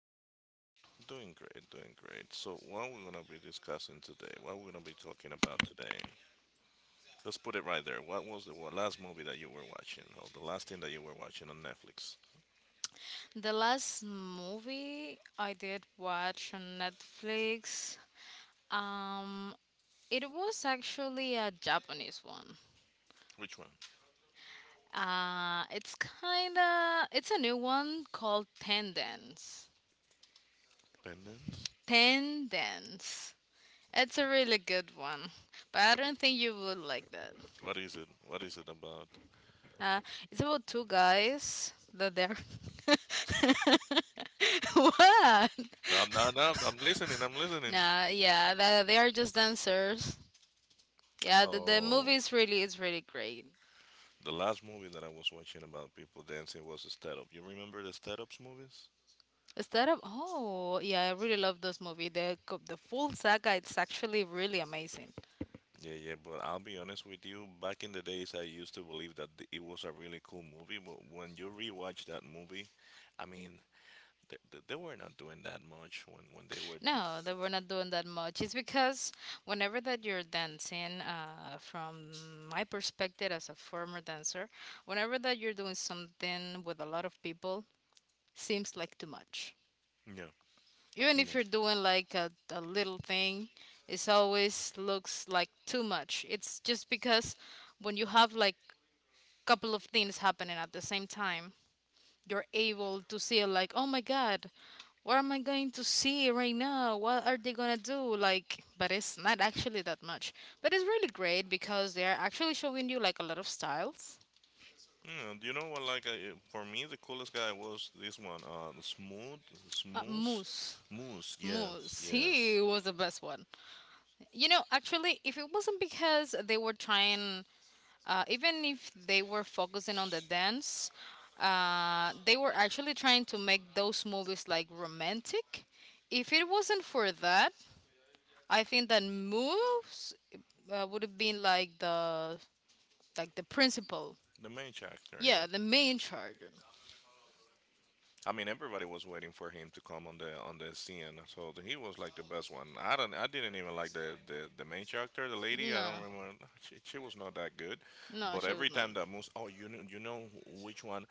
about yourself? Doing great, doing great. So, what we're gonna be discussing today? What we're gonna be talking about today? Let's put it right there. What was the last movie that you were watching, or the last thing that you were watching on Netflix? The last movie I did watch on Netflix, um, it was actually a Japanese one. Which one? It's kind of it's a new one called Tendence. Pendants. Tendence. It's a really good one, but I don't think you would like that. What is it? What is it about? Uh, it's about two guys that they're what? No, no, no. I'm listening. I'm listening. Nah, yeah, that they are just dancers. Yeah, the Oh, movie is really great. the last movie that I was watching about people dancing was the Stand Up. You remember the Stand Ups movies? Instead of oh yeah, I really love this movie. The full saga it's actually really amazing. Yeah, yeah, but I'll be honest with you. Back in the days, I used to believe that it was a really cool movie, but when you rewatch that movie, I mean, they were not doing that much when they were. No, that we're not doing that much. It's because whenever that you're dancing, from my perspective as a former dancer, whenever that you're doing something with a lot of people, seems like too much. Yeah. Even if Yeah. you're doing like a little thing, it's always looks like too much. It's just because when you have like couple of things happening at the same time, you're able to see like, oh my god, what am I going to see right now? What are they gonna do? Like, but it's not actually that much. But it's really great because they're actually showing you like a lot of styles. Yeah, do you know what? Like, for me, the coolest guy was this one. Uh, Smooth, uh, Smooth, moose Moose. Yes, moose yes. he was the best one. Actually, if it wasn't because they were trying, even if they were focusing on the dance, they were actually trying to make those movies like romantic. If it wasn't for that, I think that moves, would have been like the principal. The main character. Yeah, Yeah. the main charger. I mean, everybody was waiting for him to come on the scene, so he was like the best one. I didn't even like the main character, the lady. I No, don't remember. She was not that good, no, but she was every not. time that moves, oh, you know which one,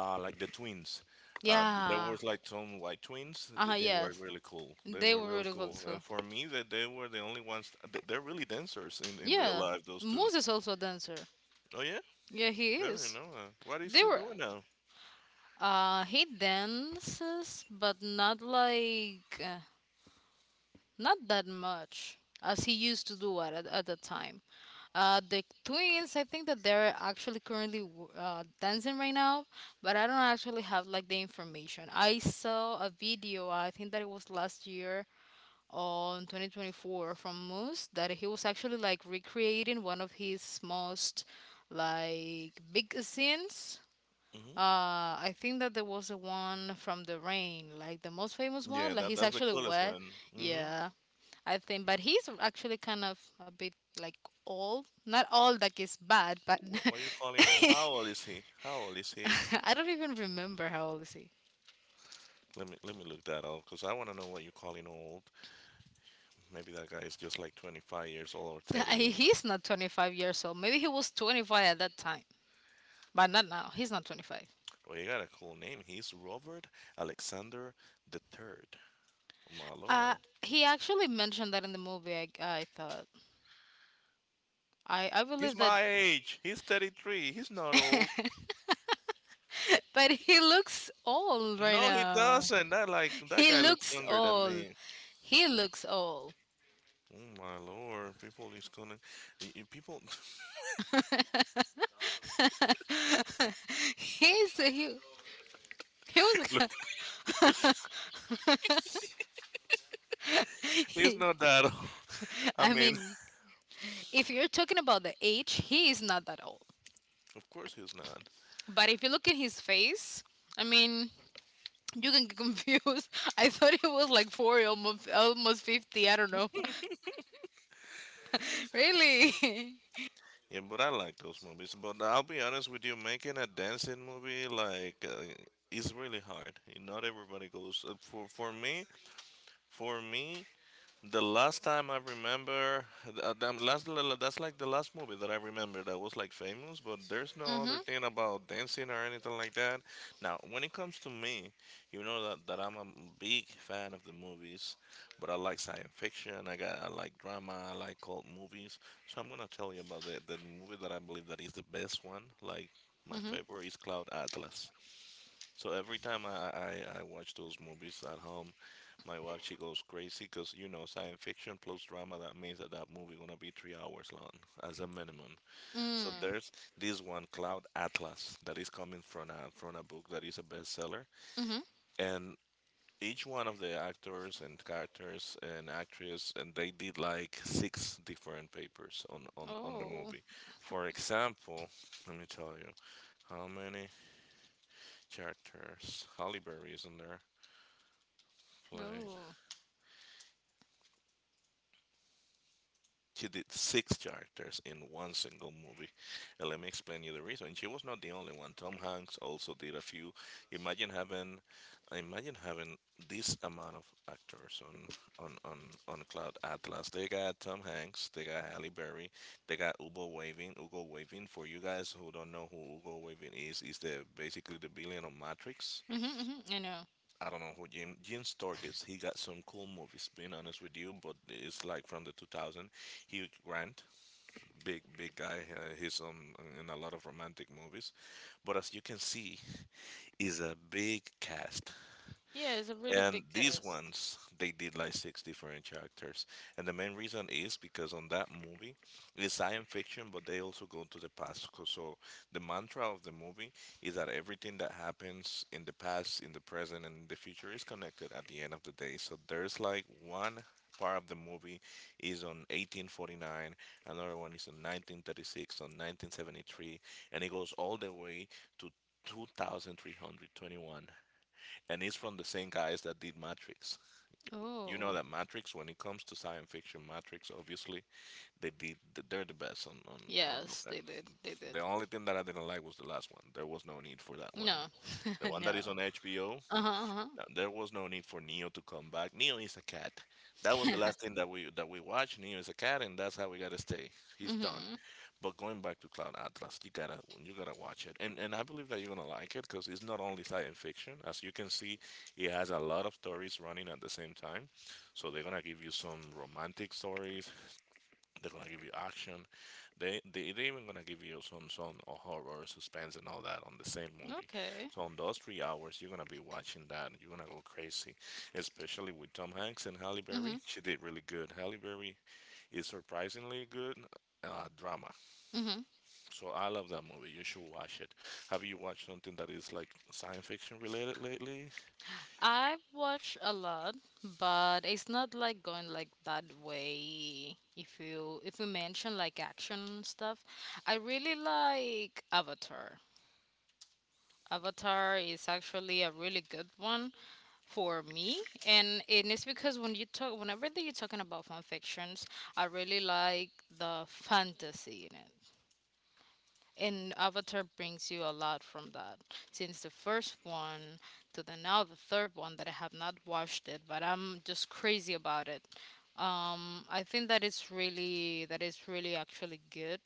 like the twins. There Yeah. was like some white twins. Uh They, huh. they were Yes, really cool. They they were were really really cool cool, too. and for me, that they were the only ones. They're really dancers in real Yeah, life. Those two. moves is also a dancer. Oh yeah, Yeah, he yeah, you is. know. What is They he were. doing now? He dances, but not like not that much as he used to do at the time. The twins, I think that they're actually currently dancing right now, but I don't actually have like the information. I saw a video, I think that it was last year on 2024 from Moose, that he was actually like recreating one of his most like big scenes. Mm-hmm. I think that there was the one from the rain, like the most famous one. Yeah, Like that he's that's the actually coolest wet. one. Mm-hmm. Yeah. I think, but he's actually kind of a bit like old. Not old like he's bad, but What you calling old? How old is he? How old is he? I don't even remember how old is he. Let me look that up because I want to know what you calling old. Maybe that guy is just like 25 years old or 30, and He's not 25 years old. Maybe he was 25 at that time, but not now. He's not 25. well, you got a cool name. He's Robert Alexander the Third. Oh, my Uh, lord, he actually mentioned that in the movie. I thought I he's believe that, my age. He's 33. He's not old. but he looks old right No, he now. doesn't. That like that He guy looks looks younger than old. me. He looks old. Oh my lord, people is gonna people He's he was look. He's He- not that old. I I mean, mean, if you're talking about the age, he is not that old. of course he's not. But if you look at his face, I mean, you can get confused. I thought he was like 40, almost, almost 50. I don't know. really? Yeah, but I like those movies. But I'll be honest with you, making a dancing movie like is really hard. Not everybody goes for me. For me, the last time I remember, the last that's like the last movie that I remember that was like famous. But there's no Mm other hmm. thing about dancing or anything like that. Now, when it comes to me, you know that I'm a big fan of the movies, but I like science fiction. I like drama. I like cult movies. So I'm gonna tell you about the movie that I believe that is the best one. Like my Mm favorite is Cloud Atlas. So every time I watch those movies at home, my wife she goes crazy because you know science fiction plus drama that means that that movie gonna be 3 hours long as a minimum. So hmm. there's this one Cloud Atlas that is coming from a book that is a bestseller, Mm hmm. and each one of the actors and characters and actress and they did like 6 different papers on the Oh. movie. For example, let me tell you how many characters Halle Berry is in there play. Oh. She did 6 characters in one single movie. And let me explain you the reason. And she was not the only one. Tom Hanks also did a few. Imagine having imagine having this amount of actors on Cloud Atlas. They got Tom Hanks, they got Halle Berry, they got Ugo Waving. Ugo Waving for you guys who don't know who Ugo Waving is the basically the villain of Matrix. Mm hmm. I know. I don't know who Jim Storkis. He got some cool movies. Being honest with you, but it's like from the 2000. Hugh Grant big guy. He's in a lot of romantic movies, but as you can see, is a big cast. Yeah, it's a really And big these ones, test. they did like 6 different characters. And the main reason is because on that movie, it's science fiction, but they also go to the past. 'Cause So the mantra of the movie is that everything that happens in the past, in the present, and in the future is connected at the end of the day. So there's like one part of the movie is on 1849, another one is on 1936, on 1973, and it goes all the way to 2321, and it's from the same guys that did Matrix. Oh, You know that Matrix, when it comes to science fiction, Matrix obviously they did they're the best on yes, uh, they did. They did. the only thing that I didn't like was the last one. There was no need for that one. No, The one that no. is on HBO, Uh huh. Uh-huh. Uh-huh. There was no need for Neo to come back. Neo is a cat. That was the last thing that we watched. Neo is a cat, and that's how we gotta stay. He's done. Mhm. But going back to Cloud Atlas, you gotta watch it, and I believe that you're gonna like it because it's not only science fiction. As you can see, it has a lot of stories running at the same time. So they're gonna give you some romantic stories. They're gonna give you action. They even gonna give you some horror, suspense, and all that on the same movie. Okay. So on those 3 hours, you're gonna be watching that. You're gonna go crazy, especially with Tom Hanks and Halle Berry. Mhm. She did really good. Halle Berry is surprisingly good drama. Mhm. So I love that movie. You should watch it. Have you watched something that is like science fiction related lately? I've watched a lot, but it's not like going like that way. If we mention like action stuff, I really like Avatar. Avatar is actually a really good one. For me, and it's because when you talk whenever that you're talking about fan fictions, I really like the fantasy in it, and Avatar brings you a lot from that since the first one to the now the third one that I have not watched it, but I'm just crazy about it. I think that it's really actually good.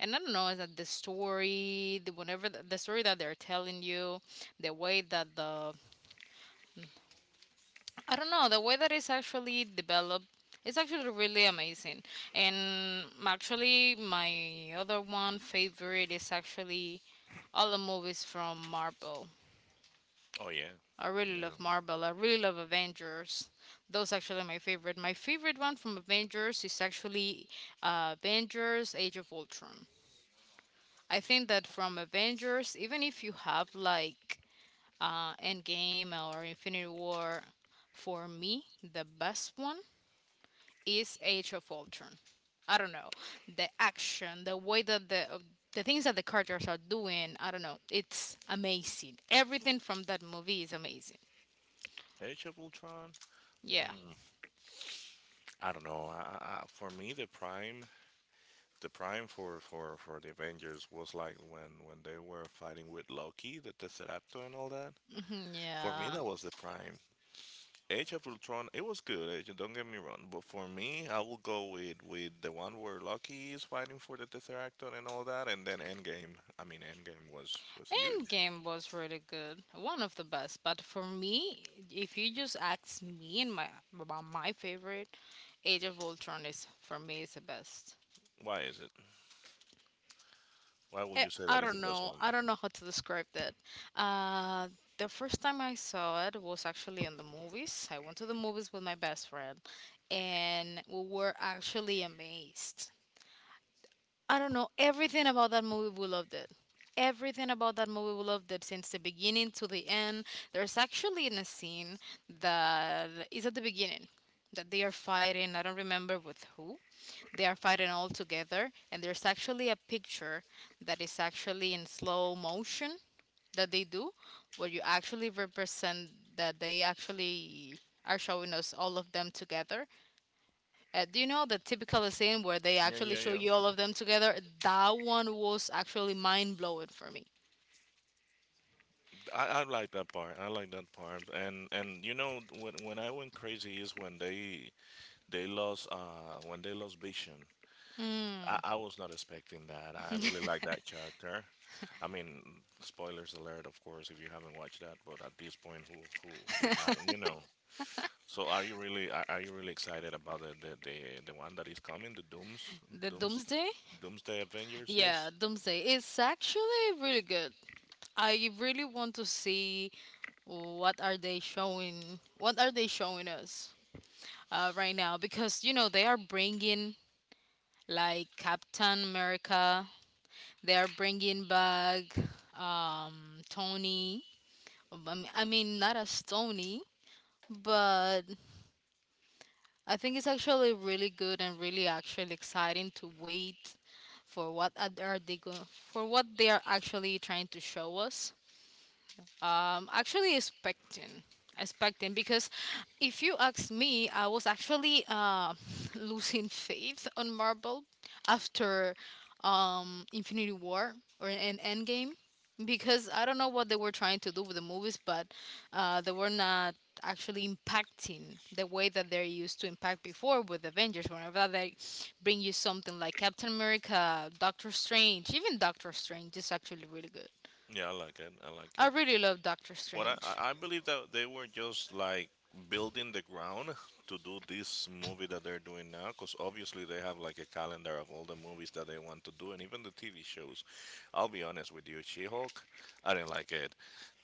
And I don't know, is that the story, the whenever the story that they're telling you, the way that the, I don't know. The way that it's actually developed, it's actually really amazing. And actually, my other one favorite is actually all the movies from Marvel. Oh yeah, I really yeah. love Marvel. I really love Avengers. Those actually my favorite. My favorite one from Avengers is actually Avengers: Age of Ultron. I think that from Avengers, even if you have like Endgame or Infinity War, for me the best one is Age of Ultron. I don't know, the action, the way that the things that the characters are doing. I don't know. It's amazing. Everything from that movie is amazing. Age of Ultron. Yeah. Mm, I don't know. For me, the prime for the Avengers was like when they were fighting with Loki, the Tesseractor, and all that. Mhm, For me, yeah. that was the prime. Age of Ultron, it was good. Don't get me wrong, but for me, I will go with the one where Loki is fighting for the Tesseract and all that, and then Endgame. I mean, Endgame was huge. Endgame was really good. One of the best. But for me, if you just ask me and my about my favorite, Age of Ultron is for me is the best. Why is it? Why would you say I that is the don't best know. one? I don't know how to describe that. Uh, the first time I saw it was actually in the movies. I went to the movies with my best friend, and we were actually amazed. I don't know. Everything about that movie, we loved it. Everything about that movie, we loved it since the beginning to the end. There's actually in a scene that is at the beginning that they are fighting. I don't remember with who, they are fighting all together, and there's actually a picture that is actually in slow motion that they do, where you actually represent that they actually are showing us all of them together. Do you know the typical scene where they Yeah, actually yeah, show yeah. you all of them together? That one was actually mind-blowing for me. I like that part. I like that part. And you know when I went crazy is when they lost when they lost Vision. Mm, I was not expecting that. I really like that character. I mean, spoilers alert, of course, if you haven't watched that. But at this point, who who haven't? You know. So are you really excited about the one that is coming? The the Dooms Doomsday? Doomsday Avengers? Yeah, Yes. Doomsday. It's actually really good. I really want to see what are they showing. What are they showing us? Right now, because you know they are bringing like Captain America. They are bringing back Tony. I mean, not as Tony, but I think it's actually really good and really actually exciting to wait for what are they going for what they are actually trying to show us. Actually, expecting, because if you ask me, I was actually losing faith on Marvel after Infinity War or an Endgame, because I don't know what they were trying to do with the movies, but they were not actually impacting the way that they used to impact before with Avengers. Whenever they bring you something like Captain America, Doctor Strange, even Doctor Strange is actually really good. Yeah, I like it. I like I it. really love Doctor What Strange. I believe that they were just like building the ground to do this movie that they're doing now, because obviously they have like a calendar of all the movies that they want to do, and even the TV shows. I'll be honest with you, She-Hulk, I didn't like it.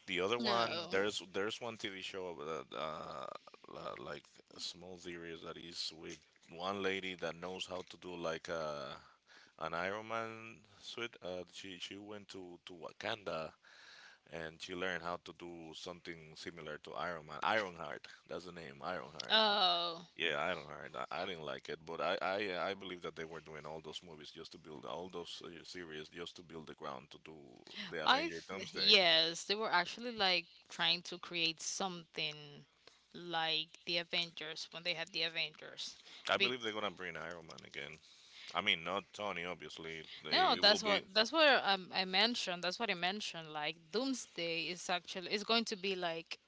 The other one, No. there's one TV show that like a small series that is with one lady that knows how to do like a an Iron Man suit. She went to Wakanda and she learned how to do something similar to Iron Man. Ironheart, that's the name, Ironheart. Oh, Yeah, Ironheart. I didn't like it, but I believe that they were doing all those movies just to build all those series just to build the ground to do the Avenger I've Doomsday. yes, they were actually like trying to create something like the Avengers when they had the Avengers. I Big believe they're gonna bring Iron Man again. I mean, not Tony, obviously. No, They it will that's be. what I mentioned. That's what I mentioned. Like, Doomsday is actually is going to be like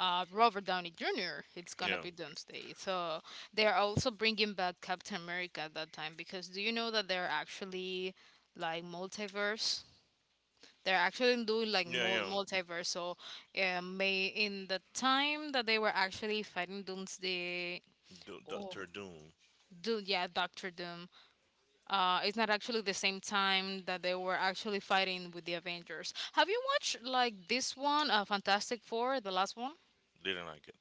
Robert Downey Jr. It's gonna Yeah, be Doomsday. So they're also bringing back Captain America at that time, because do you know that they're actually like multiverse? They're actually doing like yeah, yeah. multiverse. So may in the time that they were actually fighting Doomsday. Oh, Doctor Doom do yeah, Doctor Doom. It's not actually the same time that they were actually fighting with the Avengers. Have you watched like this one, Fantastic Four, the last one? didn't like it.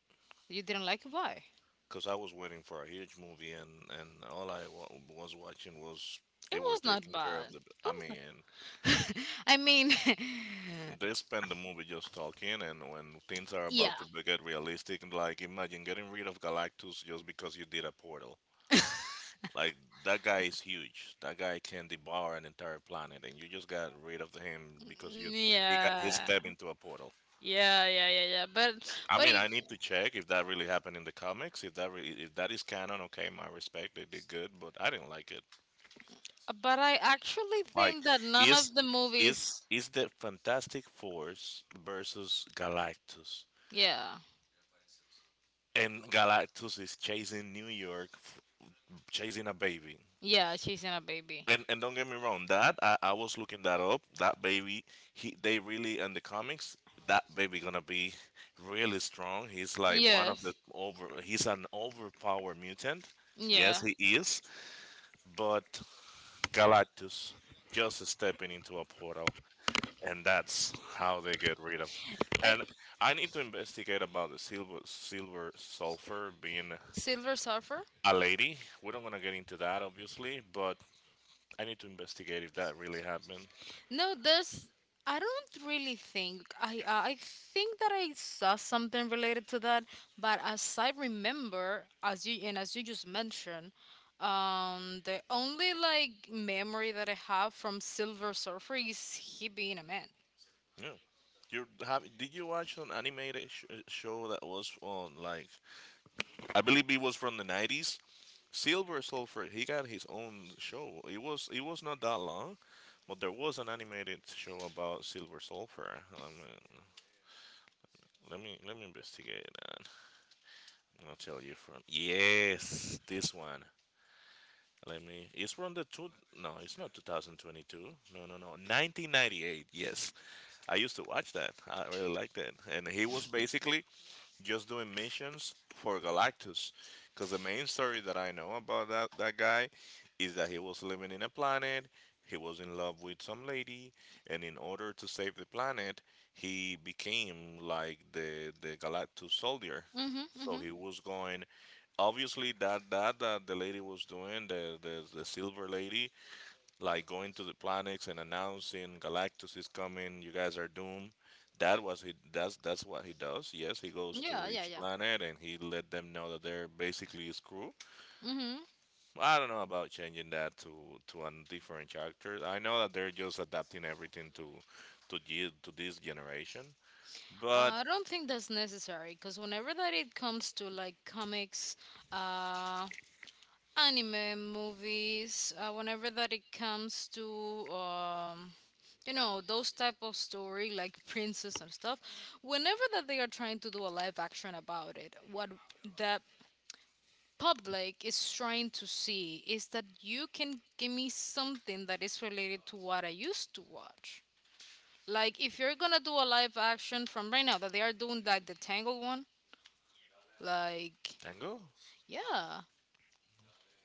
You didn't like it? Why? Because I was waiting for a huge movie, and all I wa was watching was It they were was not taking care bad. of It the. I was not. mean, I mean, they spend the movie just talking, and when things are yeah, about to get realistic, and like imagine getting rid of Galactus just because you did a portal. Like that guy is huge. That guy can devour an entire planet, and you just got rid of him because you mm, he yeah, stepped into a portal. yeah, yeah, yeah, yeah. I But mean, if I need to check if that really happened in the comics. If that really, if that is canon, okay, my respect, they did good, but I didn't like it. but I actually Like, think that none is of the movies. is the Fantastic Force versus Galactus, Yeah, and Galactus is chasing New York, chasing a baby. yeah, she's in a baby. And don't get me wrong, that I was looking that up. That baby, he they really in the comics. That baby gonna be really strong. He's like one of the Yes, over. He's an overpowered mutant. Yes, yeah. he is. But Galactus just stepping into a portal, and that's how they get rid of. And Like I need to investigate about the silver sulfur being Silver Surfer. a lady. We don't want to get into that, obviously, but I need to investigate if that really happened. No, there's. I don't really think. I think that I saw something related to that, but as I remember, as you and as you just mentioned, the only like memory that I have from Silver Surfer is he being a man. Yeah. You have? Did you watch an animated show that was on like I believe it was from the 90s? Silver Sulfur. He got his own show. It was not that long, but there was an animated show about Silver Sulfur. I mean, Let me investigate and I'll tell you from yes this one. Let me. It's from the two. No, it's not 2022. No, no, no. 1998. Yes, I used to watch that. I really liked that. And he was basically just doing missions for Galactus. Because the main story that I know about that, that guy is that he was living in a planet, he was in love with some lady, and in order to save the planet, he became like the Galactus soldier. Mm-hmm. So Mm-hmm. he was going. Obviously, that that the lady was doing, the the silver lady, like going to the planets and announcing Galactus is coming, you guys are doomed. That was he. That's what he does. Yes, he goes Yeah, to yeah, each yeah. planet and he let them know that they're basically screwed. Mm-hmm. I don't know about changing that to a different character. I know that they're just adapting everything to to this generation. But I don't think that's necessary, because whenever that it comes to like comics, uh, anime movies, whenever that it comes to um, you know those type of story, like princess and stuff. Whenever that they are trying to do a live action about it, what the public is trying to see is that you can give me something that is related to what I used to watch. Like, if you're gonna do a live action from right now that they are doing, like the tangle one, like, Tango, yeah.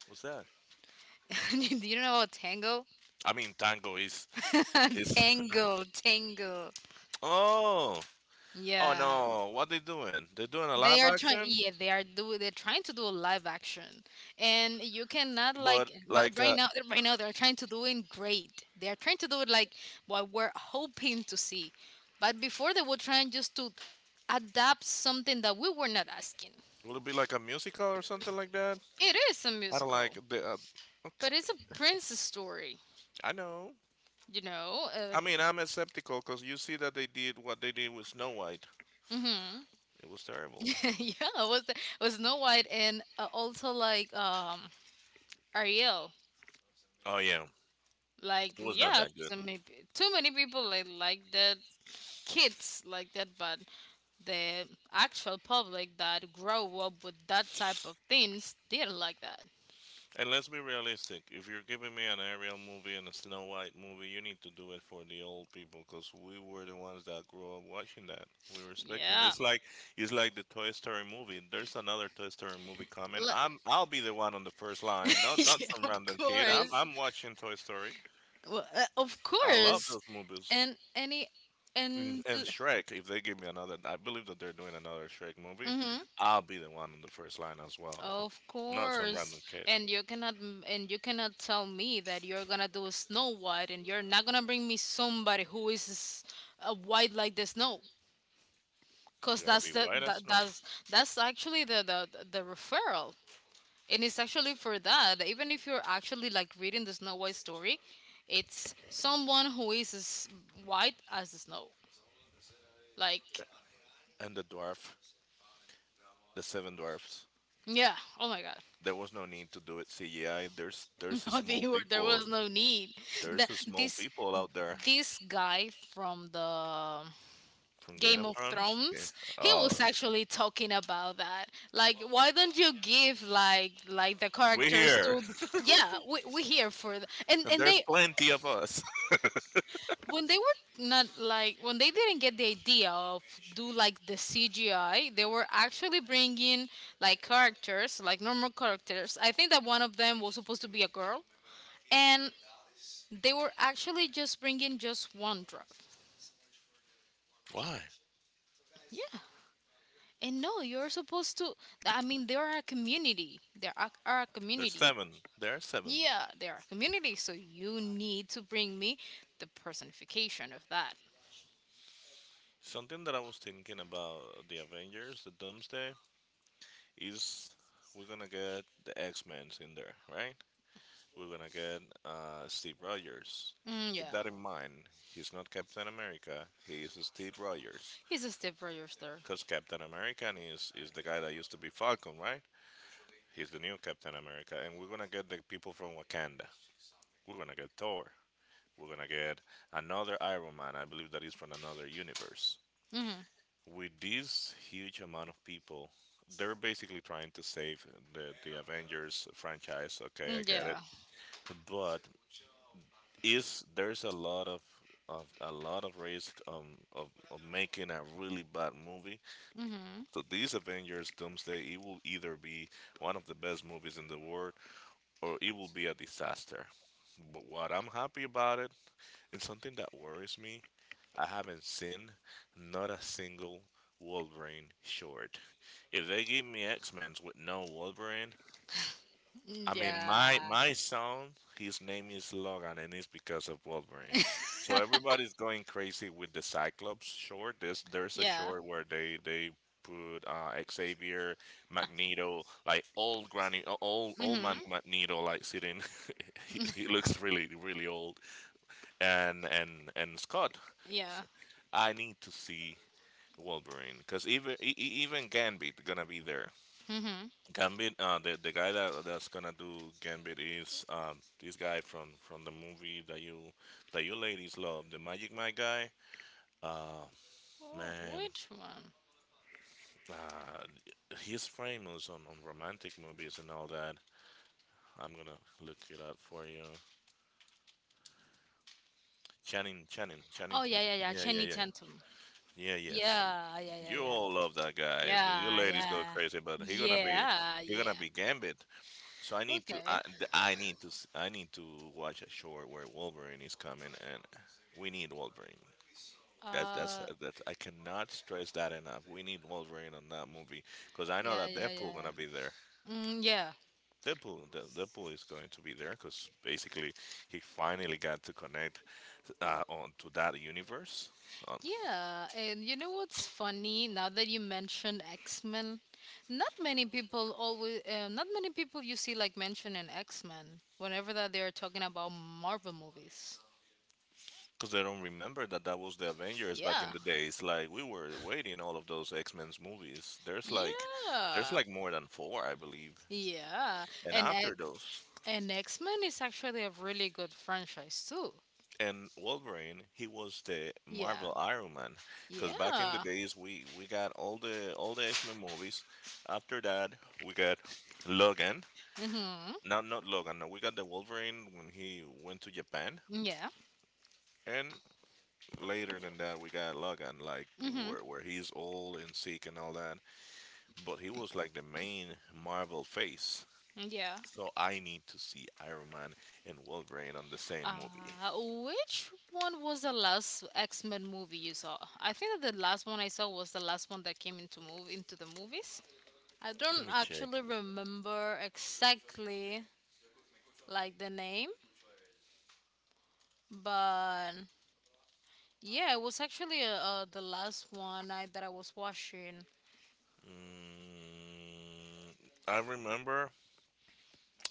what's that? Do you know about tango? I mean, Tango is is Tangle, oh, oh yeah. no! What they doing? They're doing a They live are trying, action. yeah, they are do they're trying to do a live action, and you cannot But like. But like right a, now, right now they're trying to do it great. They are trying to do it like what we're hoping to see, but before they were trying just to adapt something that we were not asking. will it be like a musical or something like that? It is a I don't musical, like the. But Okay. it's a princess story, I know. you know. Uh, I mean, I'm skeptical because you see that they did what they did with Snow White. hmm It was terrible. yeah, it was Snow White and also like Ariel. Oh yeah, Like it was not yeah, that good. so maybe too many people like the kids like that, but the actual public that grow up with that type of things didn't like that. And let's be realistic. If you're giving me an Ariel movie and a Snow White movie, you need to do it for the old people because we were the ones that grew up watching that. We were expecting. Yeah. It's like the Toy Story movie. There's another Toy Story movie coming. Le- I'll be the one on the first line. Not yeah, some of random kid. I'm course. I'm watching Toy Story. Well, of I love course. those movies. And any and And Shrek. If they give me another, I believe that they're doing another Shrek movie. mm-hmm. I'll be the one on the first line as well. Of Not some course, random kid. and you cannot and you cannot tell me that you're gonna do a Snow White and you're not gonna bring me somebody who is white like the snow, cause She gotta be white as snow. That's actually the the referral, and it's actually for that. Even if you're actually like reading the Snow White story, it's someone who is as white as the snow. Like And the dwarf, the seven dwarfs. yeah, oh my god. There was no need to do it CGI. There's a No, they small were, there was people. no need. The, There's a small this people out there this guy from the from Game Game of of Thrones. Yeah. Thrones, he Oh, was actually talking about that. Like, why don't you give like the we're characters here, to? Yeah, we here for the, and and and there's they plenty of us. when they were not like when they didn't get the idea of do like the CGI, they were actually bringing like characters like normal characters. I think that one of them was supposed to be a girl, and they were actually just bringing just one drop. Why? Yeah. And no, you're supposed to. I mean, they are a community. They are a There's community. seven. There are seven. Yeah, they are a community. So you need to bring me the personification of that. Something that I was thinking about the Avengers, the Doomsday, is we're gonna get the X Men's in there, right? We're gonna get Steve Rogers. Mm, Keep yeah, that in mind. He's not Captain America. He is Steve Rogers. he's a step register. Cause Captain America is the guy that used to be Falcon, right? He's the new Captain America, and we're gonna get the people from Wakanda. We're gonna get Thor. We're gonna get another Iron Man. I believe that is from another universe. Mm-hmm. With this huge amount of people, they're basically trying to save the Avengers franchise. Okay, Mm, I get it, yeah. but is there's a lot of a lot of risk of making a really bad movie. Mm-hmm. So these Avengers Doomsday it will either be one of the best movies in the world or it will be a disaster. But what I'm happy about it, it's something that worries me. I haven't seen not a single Wolverine short. If they give me X Men with no Wolverine, Mm, I mean, my yeah. my son, his name is Logan, and it's because of Wolverine. So everybody's going crazy with the Cyclops short. There's a Yeah. short where they put Xavier, Magneto, like old granny, old Mm-hmm. man Magneto, like sitting. He looks really old, and and Scott. Yeah. So I need to see Wolverine because even even Gambit gonna be there. Mm-hmm. Gambit, the guy that that's gonna do Gambit is this guy from the movie that you ladies love, the Magic Mike guy. Uh, Oh, man, which one? uh, he's famous on romantic movies and all that. I'm gonna look it up for you. Channing. Oh yeah, yeah, yeah. Yeah, yeah, Channing yeah, Tatum. yeah. Yes, Yeah, yeah, yeah, you yeah. all love that guy. You Yeah, ladies go yeah. crazy, but Yeah, he gonna yeah. be Gambit. So Okay. I need to I need to watch a short where Wolverine is coming and we need Wolverine. That's that's Uh that's I cannot stress that enough. We need Wolverine on that movie because I know yeah, that yeah, Deadpool gonna be yeah. there. Mm, yeah. Deadpool is going to be there because basically he finally got to connect on to that universe. Yeah, and you know what's funny now that you mentioned X-Men? Not many people always not many people you see like mention in X-Men whenever that they're talking about Marvel movies. Because I don't remember that that was the Avengers back Yeah. in the days. Like we were waiting all of those X Men's movies. There's Yeah. like more than four, I believe. Yeah. And And after X- those, and X-Men is actually a really good franchise too. and Wolverine, he was the Yeah. Marvel Iron Man, because back in the Yeah. days we got all the X Men movies. After that, we got Logan. Mhm. No, not Logan. No, we got the Wolverine when he went to Japan, Yeah. and later than that, we got Logan, like Mhm. Where he's old and sick and all that. But he was like the main Marvel face. Yeah. So I need to see Iron Man and Wolverine on the same movie. Uh which one was the last X-Men movie you saw? I think that the last one I saw was the last one that came into move into the movies. I don't Let me check. actually remember exactly like the name, but yeah, it was actually the last one that I was watching. Mm, I remember.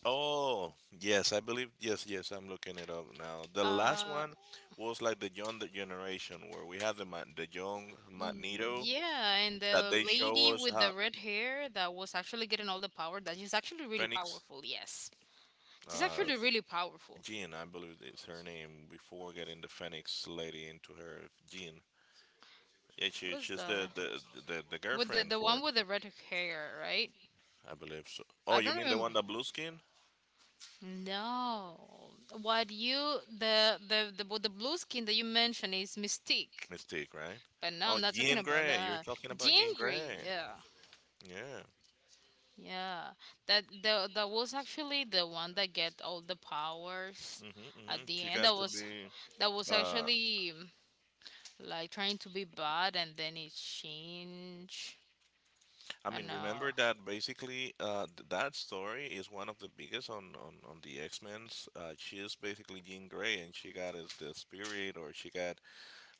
Oh, yes, I believe. Yes, yes, I'm looking it up now. The last Uh one was like the young generation where we had the young Mm, Magneto yeah, and that the they show lady us with how the red hair that was actually getting all the power, that she's actually really Phoenix, powerful, yes. It's uh, actually really powerful. Jean, I believe is her name before getting the Phoenix lady into her Jean. Yeah, Who's she's the the the with the girlfriend the for one with the red hair, right? I believe so. Oh, I you don't mean the one remember. that blue skin? No, what you the the with the blue skin that you mentioned is Mystique, Mystique, right? but no, Oh, I'm not talking Yin about Gray. You're that. talking about Jean Yin Grey, Gray. yeah, Yeah. yeah. That was actually the one that get all the powers mm at hmm the She end. got to be. That was Uh, actually like trying to be bad, and then it changed. I I mean, know. remember that basically that story is one of the biggest on, on the X Men's. She is basically Jean Grey, and she got as the spirit, or she got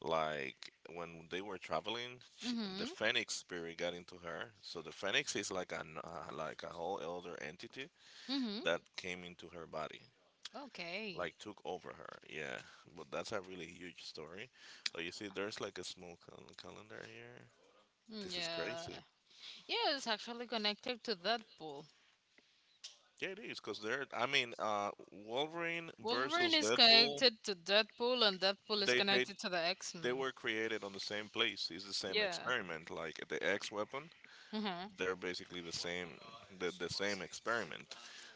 like when they were traveling, she, the Mhm. Phoenix spirit got into her. So the Phoenix is like an like a whole elder entity Mm-hmm. that came into her body. Okay. Like took over her. Yeah, but that's a really huge story. But you see, there's like a small calendar here. Yeah. This is Yeah. crazy. Yeah, it's actually connected to Deadpool. Yeah, it is because they're. I mean, Wolverine Wolverine versus is Deadpool. connected to Deadpool, and Deadpool is They they connected to the X Men. they were It's created on the same place. It's the same yeah, experiment. Like the X weapon, very. Mhm. they're basically the same the same experiment,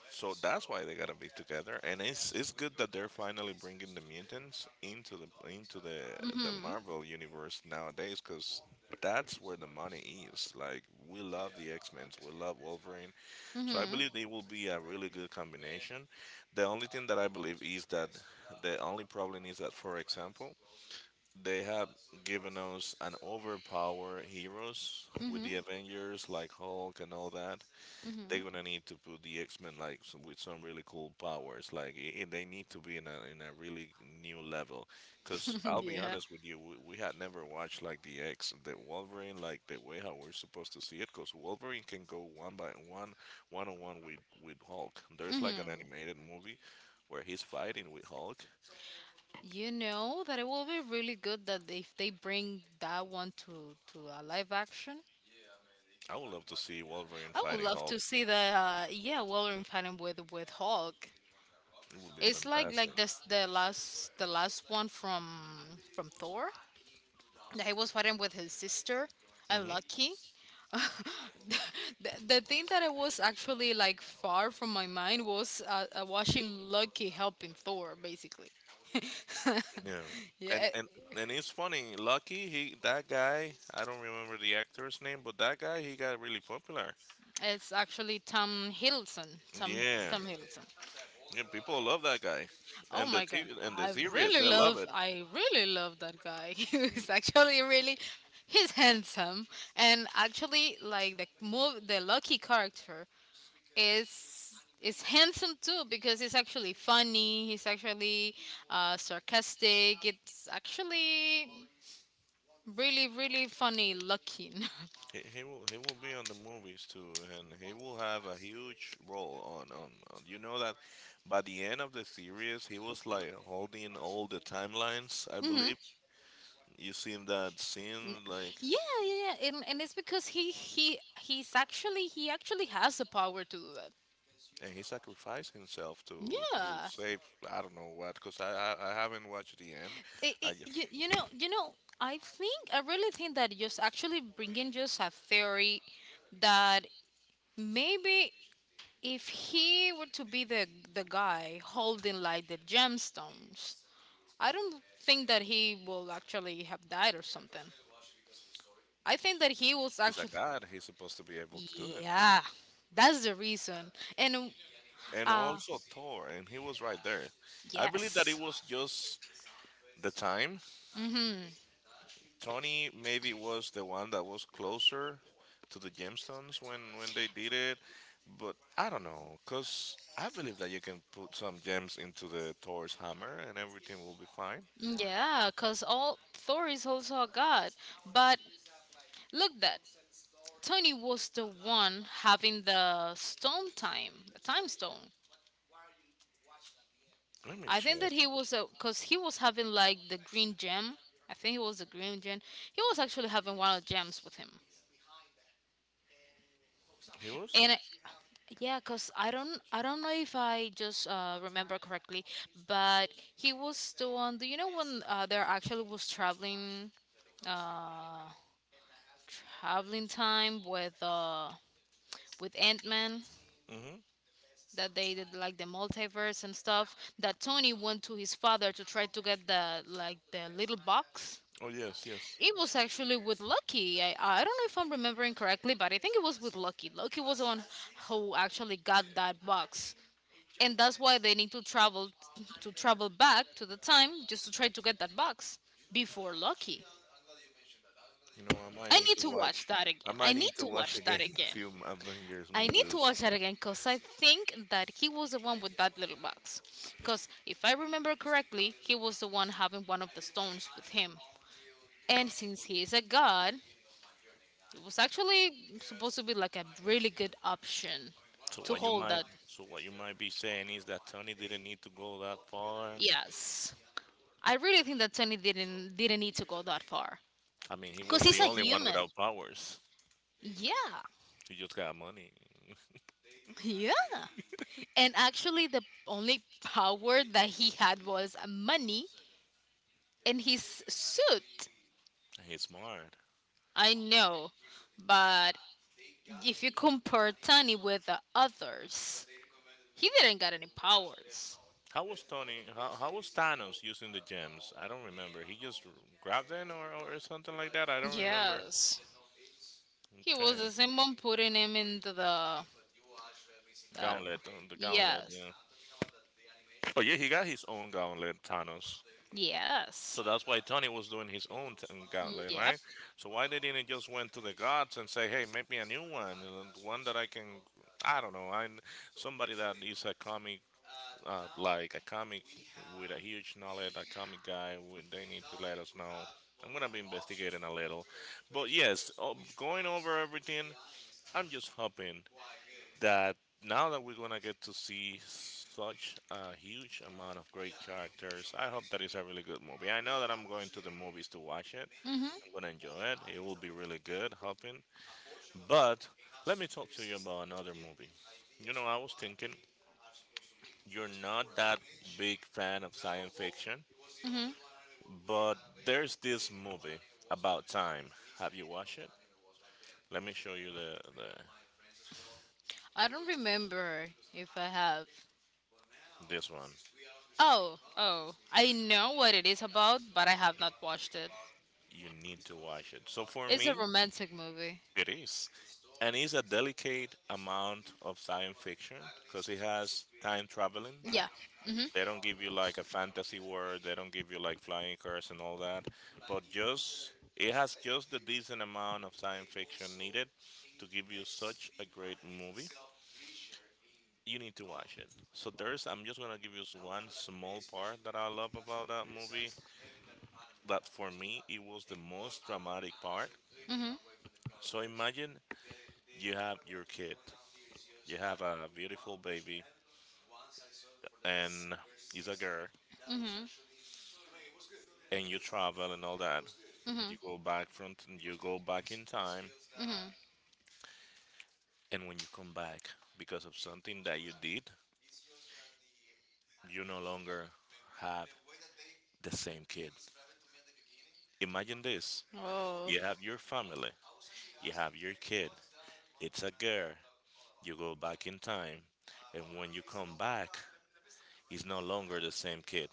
so that's why they gotta be together, and it's good that they're finally bringing the mutants into the Mhm. marvel universe nowadays because that's where the money is. Like we love the X-Men, we love Wolverine, so I Mhm. believe they will be a really good combination. The only thing that I believe is that the only problem is that, for example, they have given us an overpowered heroes with Mhm. the Avengers, like Hulk and all that. They're Mhm. gonna need to put the X Men like s with some really cool powers. Like they need to be in a really new level. Cause I'll be yeah. honest with you, we had never watched like the X, the Wolverine, like the way how we're supposed to see it. Cause Wolverine can go one by one, one on one with Hulk. There's like an Mhm. animated movie where he's fighting with Hulk. You know that it will be really good that if they bring that one to a live action, I would love to see Wolverine I would fighting love Hulk. to see the yeah Wolverine fighting with Hulk. It would be It's fantastic. like this the last one from Thor that he was fighting with his sister and Hmm. Lucky. The thing that I was actually like far from my mind was watching Lucky helping Thor basically. Yeah. yeah, And, and and it's funny, Lucky, he that guy, I don't remember the actor's name, but that guy he got really popular. it's actually Tom Hiddleston. Yeah. Tom Hiddleston. Yeah, people love that guy. Oh And my god. And the series, they love it. I really love that guy. Mm, He's actually really he's handsome and actually like the lucky character is handsome too because he's actually funny, he's actually sarcastic. It's actually really really funny looking. He will be on the movies too, and he will have a huge role on, on. You know that by the end of the series, he was like holding all the timelines, I mhm. believe. You seen that N- scene, like, Yeah, yeah, yeah. And it's because he he's actually he actually has the power to do that. and he sacrificed himself to Yeah. save I don't know what, cause I haven't watched the end. it, I it, just you, you know I think I really think that just actually bringing just a theory that maybe if he were to be the guy holding like the gemstones I don't think that he will actually have died or something I think that he was he's a actually god. He's supposed to be able to do it. yeah that's the reason and And uh also Thor, and he was right there. I believe that it yes was just the time. mm-hmm Tony maybe was the one that was closer to the gemstones when they did it, but I don't know, cause I believe that you can put some gems into the Thor's hammer and everything will be fine. yeah because all thor is also a god but look that Tony was the one having the time stone. Let me I think check. that he was, because he was having like the green gem. I think he was the green gem. He was actually having one of the gems with him. He was? And yeah, cause I don't know if I just remember correctly, but he was the one. Do you know when there actually was uh, traveling time with Ant Man? Mm-hmm. That they did like the multiverse and stuff that Tony went to his father to try to get the like the little box. Oh yes, yes. It was actually with Lucky. I don't know if I'm remembering correctly but I think it was with Lucky was the one who actually got that box and that's why they need to travel back to the time just to try to get that box before Lucky. I might need to watch. I I might need need to to watch watch that again a again. few Avengers I need to movies. watch that again because I think that he was the one with that little box. Because if I remember correctly, he was the one having one of the stones with him. And since he is a god, it was actually supposed to be like a really good option So to what you hold might, that. so what you might be saying is that Tony didn't need to go that far. Yes. I really think that Tony didn't need to go that far. I mean, he Cause was he's the a only one human. without powers. Yeah. He just got money. Yeah. And actually the only power that he had was money and his suit. He's smart. I know, but if you compare Tony with the others, he didn't got any powers. How was Tony? How was Thanos using the gems? I don't remember. He just grabbed them or something like that. I don't remember. Yes, he Okay, was the same one putting him into the. the the gauntlet. yes, Yeah. Oh yeah, he got his own gauntlet, Thanos. yes, So that's why Tony was doing his own mm, gauntlet, yep. right? So why they didn't just went to the gods and say, "Hey, make me a new one, and one that I can." I don't know. I Somebody that is a comic like a comic with a huge knowledge, a comic guy, they need to let us know. I'm gonna be investigating a little, but yes, going over everything, I'm just hoping that now that we're gonna get to see such a huge amount of great characters, I hope that it's a really good movie. I know that I'm going to the movies to watch it. Mhm, I'm gonna enjoy it. It will be really good, hoping. But let me talk to you about another movie. I was thinking you're not that big fan of science fiction, mhm. but there's this movie about time. Have you watched it? Let me show you the I don't remember if I have. this one. Oh, oh, I know what it is about, but I have not watched it. You need to watch it. So for It's a me, romantic movie. it is. And it's a delicate amount of science fiction because it has time traveling. Yeah. Mhm, They don't give you like a fantasy world, they don't give you like flying cars and all that, but just it has just the decent amount of science fiction needed to give you such a great movie. You need to watch it. So there's, I'm just gonna give you one small part that I love about that movie. That for me, it was the most dramatic part. mhm, So imagine you have your kid, you have a beautiful baby, and it's a girl, mhm, and you travel and all that. mhm, You go back you go back in time, mhm. and when you come back because of something that you did, you no longer have the same kid. Imagine this: Oh, you have your family, you have your kid, it's a girl, you go back in time, and when you come back, it's no longer the same kid,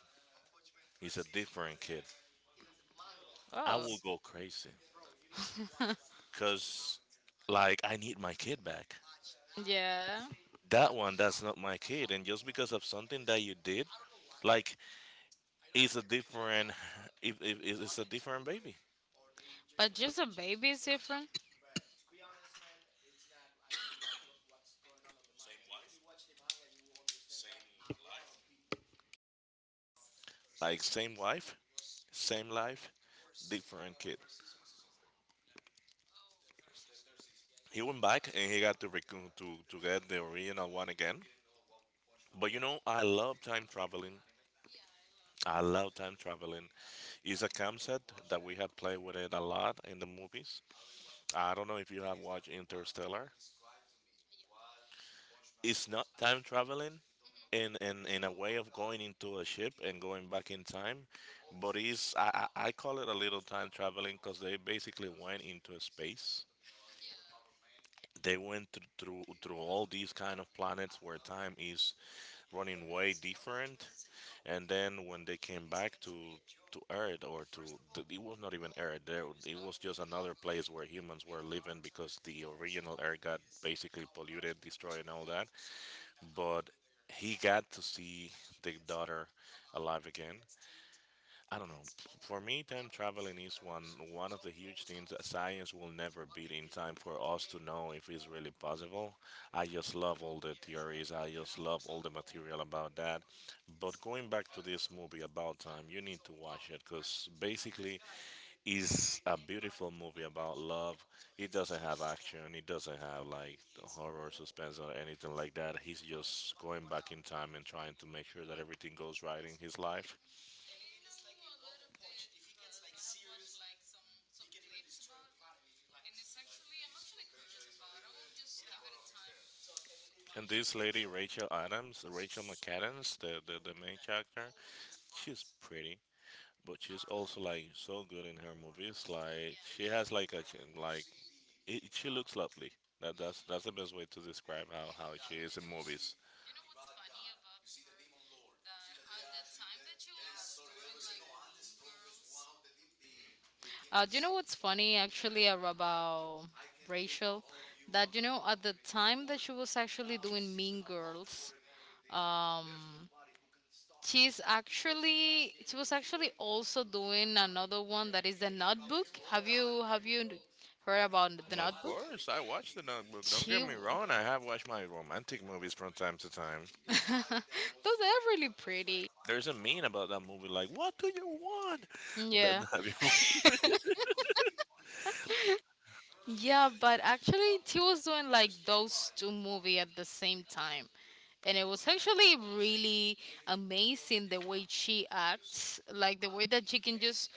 it's a different kid. I oh. will go crazy because, like, I need my kid back. Yeah, That one, that's not my kid, and just because of something that you did, like, it's a different, if it's a different baby. but just a baby is different. Like, same wife, same life, different kid. He went back and he got to get the original one again. But I love time traveling. I love time traveling. It's a concept that we have played with it a lot in the movies. I don't know if you have watched Interstellar. It's not time traveling in a way of going into a ship and going back in time, but it's, I call it a little time traveling because they basically went into space. They went through all these kind of planets where time is running way different, and then when they came back to Earth or to it was not even Earth. There it was just another place where humans were living because the original Earth got basically polluted, destroyed, and all that. But he got to see the daughter alive again. I don't know. For me, time traveling is one of the huge things that science will never beat in time for us to know if it's really possible. I just love all the theories. I just love all the material about that. But going back to this movie about time, you need to watch it because basically, it's a beautiful movie about love. It doesn't have action. It doesn't have like horror, suspense, or anything like that. He's just going back in time and trying to make sure that everything goes right in his life. And this lady, Rachel Adams, Rachel McAdams, the main character, she's pretty, but she's also like so good in her movies. Like she has like a chin- like, it, she looks lovely. That's the best way to describe how she is in movies. Do you know what's funny actually about Rachel? That you know at the time that she was actually doing Mean Girls, um, she's actually she was actually also doing another one that is The Notebook. Have you heard about The Of Notebook? course, I watched The Notebook. Don't get She me wrong, I have watched my romantic movies from time to time. those are really pretty. There's a meme about that movie, like, what do you want? Yeah. have you Yeah, but actually, she was doing like those two movies at the same time. And it was actually really amazing the way she acts, like the way that she can just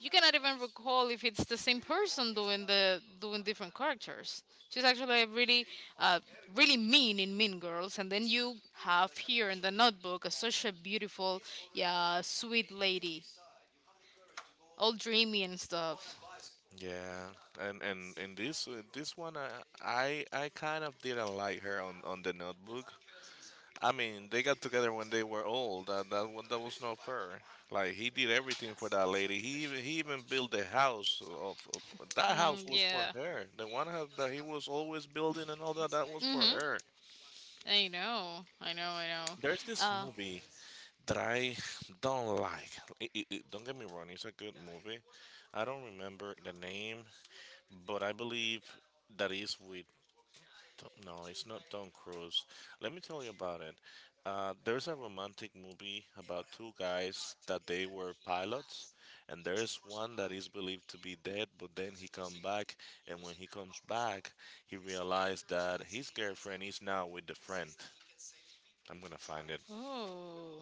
you cannot even recall if it's the same person doing different characters. She's actually a really uh, really mean in Mean Girls, and then you have here in the Notebook a such a beautiful, yeah, sweet lady, all dreamy and stuff. Yeah, and in this one, I kind of didn't like her on the Notebook. I mean, they got together when they were old. That one that was not fair. Like he did everything for that lady. He even built the house. Of that house Mm, was for yeah. her. The one house that he was always building and all that that was for her. I know. There's this movie that I don't like. Don't get me wrong, it's a good movie. I don't remember the name, but I believe that is with No, it's not Tom Cruise. Let me tell you about it. There's a romantic movie about two guys that they were pilots, and there is one that is believed to be dead, but then he come back, and when he comes back, he realized that his girlfriend is now with the friend. I'm gonna find it. Oh,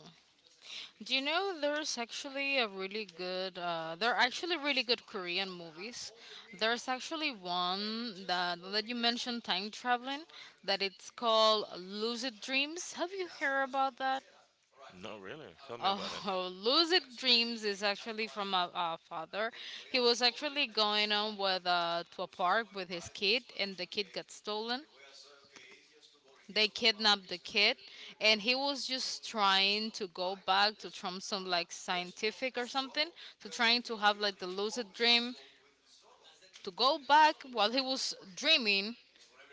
do you know there's actually a really good? There are actually really good Korean movies. There's actually one that that you mentioned time traveling. That it's called Lucid Dreams. Have you heard about that? No, really? Tell me about it. Oh, Lucid Dreams is actually from a father. He was actually going on with to a park with his kid, and the kid got stolen. They kidnapped the kid and he was just trying to go back to from some like scientific or something to trying to have like the lucid dream to go back while he was dreaming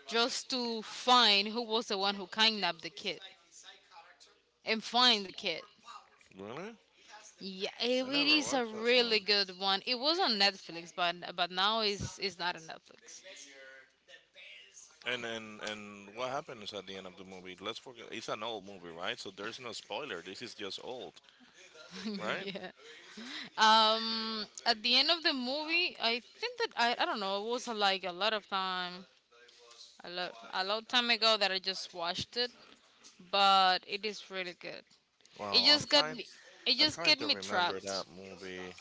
just to find who was the one who kidnapped the kid and find the kid. Really? Yeah, it, I it never is a watched that really one. good one. It was on Netflix but now is not on Netflix. And what happens at the end of the movie? Let's forget. It's an old movie, right? So there's no spoiler. This is just old, right? Yeah. At the end of the movie I think that I don't know it was like a lot of time a lot a long time ago that I just watched it, but it is really good. It Well, I'm just got trying. me. It I'm just trying get to me remember trapped. that movie.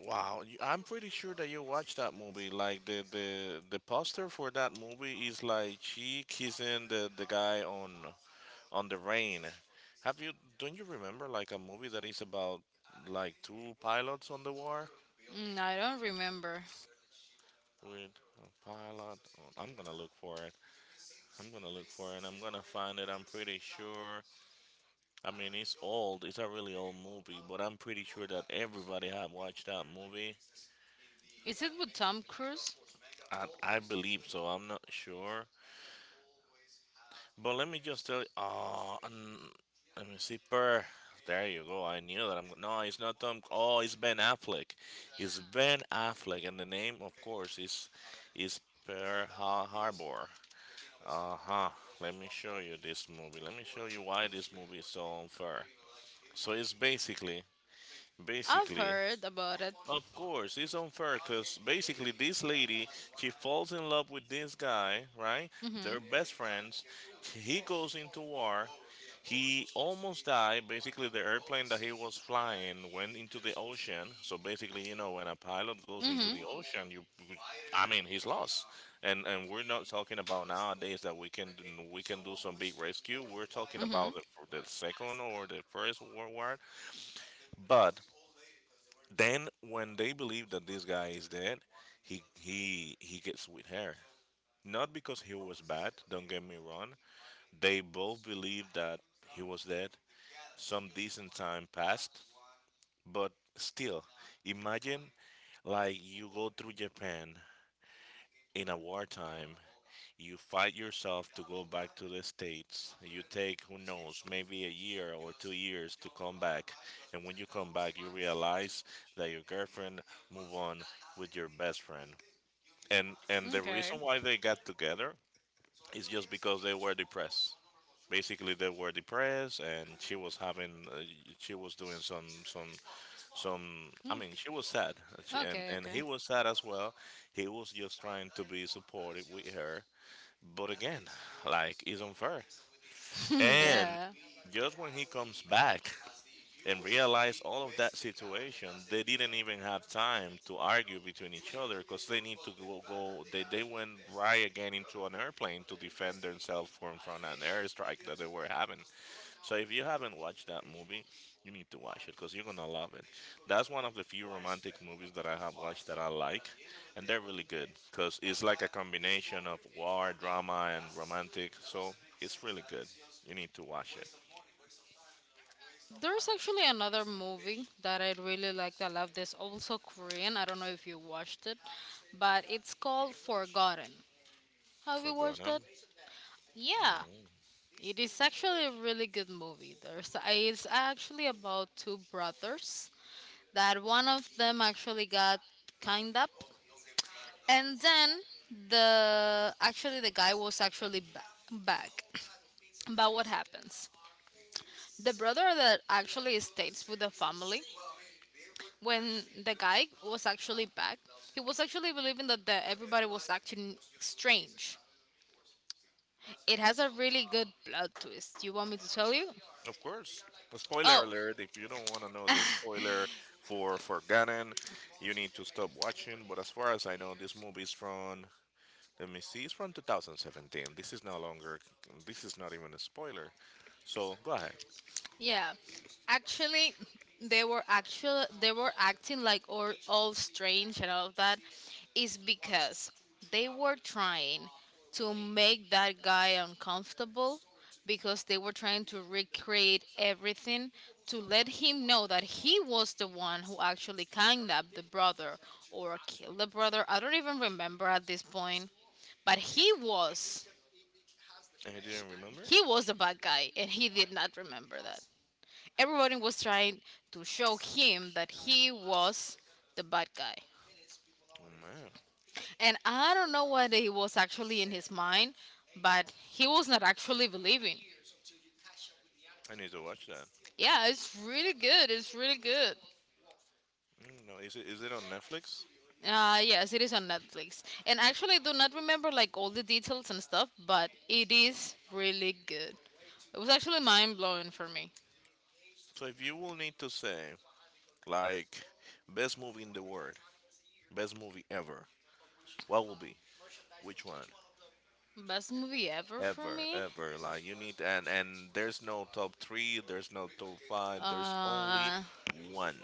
Wow, I'm pretty sure that you watched that movie. Like the poster for that movie is like she kissing the guy on the rain. Have you? Don't you remember like a movie that is about like two pilots on the war Mm, I don't remember. with a pilot? I'm gonna look for it. I'm gonna look for it. I'm gonna find it. I'm pretty sure. I mean, it's old. It's a really old movie, but I'm pretty sure that everybody had watched that movie. Is it with Tom Cruise? I believe so. I'm not sure, but let me just tell you. Oh, let me see. There you go. I knew that. I'm no. It's not Tom. Oh, it's Ben Affleck. It's Ben Affleck, and the name, of course, is Pearl Harbor. Uh huh. Let me show you this movie. Let me show you why this movie is so unfair. So it's I've basically, heard about it. of course, it's unfair because basically this lady, she falls in love with this guy, right? They're Mhm. best friends. He goes into war. He almost died. Basically, the airplane that he was flying went into the ocean. So basically, when a pilot goes into Mhm. the ocean, I mean, he's lost. And we're not talking about nowadays that we can do some big rescue. We're talking Mhm. about the second or the first world war. But then when they believe that this guy is dead, he gets with her. Not because he was bad, don't get me wrong. They both believe that he was dead. Some decent time passed, but still, imagine like you go through Japan in a wartime, you fight yourself to go back to the States. You take, who knows, maybe a year or 2 years to come back. And when you come back, you realize that your girlfriend moved on with your best friend. And the Okay. reason why they got together is just because they were depressed. Basically, they were depressed, and she was having she was doing some, she was sad, and Okay. He Okay. was sad as well. He was just trying to be supportive with her, but again, like, it's unfair. okay. And Yeah. just when he comes back and realize all of that situation, they didn't even have time to argue between each other because they need to go, go they went right again into an airplane to defend themselves from an airstrike that they were having. So if you haven't watched that movie, you need to watch it because you're gonna love it. That's one of the few romantic movies that I have watched that I like, and they're really good because it's like a combination of war drama and romantic, so it's really good. You need to watch it There's actually another movie that I really liked. I love this. Also Korean. I don't know if you watched it, but it's called Forgotten. Have for you good. watched that? Yeah. Huh? It is actually a really good movie. There's it's actually about two brothers that one of them actually got kind up, and then the actually the guy was actually back. But what happens? The brother that actually stays with the family when the guy was actually back, he was actually believing that everybody was acting strange. It has a really good plot twist. You want me to tell you? Of course. A spoiler Oh, alert. If you don't want to know the spoiler for Forgotten, you need to stop watching. But as far as I know, this movie is from. Let me see. It's from 2017. This is no longer. This is not even a spoiler. So go ahead. Yeah, actually, they were acting like all strange and all of that, is because they were trying to make that guy uncomfortable because they were trying to recreate everything to let him know that he was the one who actually kidnapped the brother or killed the brother. I don't even remember at this point, but And you didn't remember? he was a bad guy and he did not remember that. Everybody was trying to show him that he was the bad guy. Oh man, And I don't know what he was actually in his mind, but he was not actually believing. I need to watch that. Yeah, it's really good. It's really good. Mm, no, is it on Netflix? Yes, it is on Netflix. And actually, I do not remember like all the details and stuff, but it is really good. It was actually mind blowing for me. So if you will need to say, like, best movie in the world, best movie ever, what will be? Which one? Best movie ever for Ever, me? ever. Like, you need, and there's no top three, there's no top five, there's only Uh, one.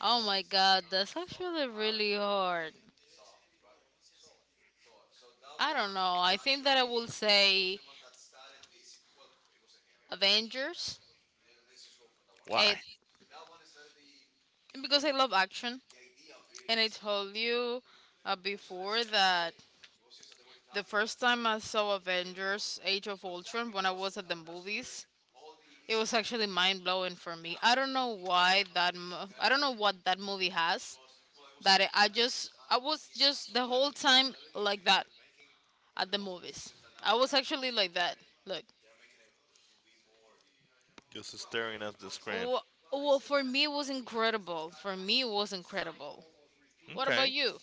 oh my god, that's actually really hard. I don't know. I think that I will say Avengers. It, Why? because I love action. And I told you before that the first time I saw Avengers Age of Ultron when I was at the movies, it was actually mind blowing for me. I don't know why I don't know what that movie has that I was just the whole time like that at the movies. I was actually like that. Look. Just staring at the screen. Wh- Well, for me, it was incredible. For me, it was incredible. What about Okay. you?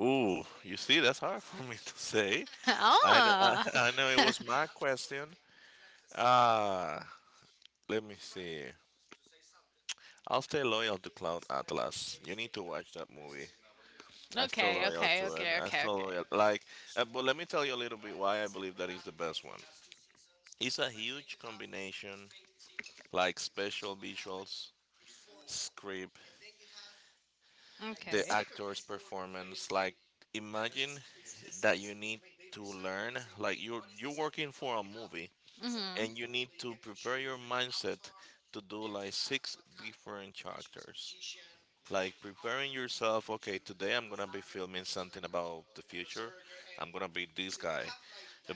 Ooh, you see, that's hard for me to say. I know, oh. Know it was my question. Ah, let me see. I'll stay loyal to Cloud Atlas. You need to watch that movie. I'm still Okay, loyal okay, to it. okay, I'm okay, still okay. loyal. Like, but let me tell you a little bit why I believe that is the best one. It's a huge combination, like special visuals, script, the Okay. actor's performance. Like, imagine that you need to learn. Like, you're working for a movie, Mhm. and you need to prepare your mindset to do like six different characters, like preparing yourself: okay, today I'm gonna be filming something about the future. I'm gonna be this guy,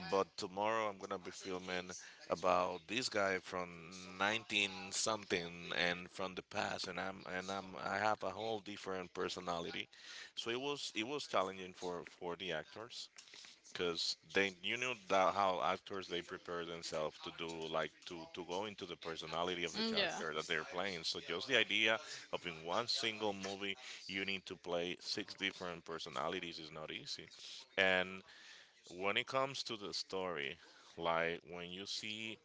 but tomorrow I'm gonna be filming about this guy from 19 something, and from the past, and I have a whole different personality. So it was challenging for the actors because they, you know, that how actors, they prepare themselves to do, like, to go into the personality of the Mm, yeah. character that they're playing. So just the idea of in one single movie you need to play six different personalities is not easy. And when it comes to the story, like when you see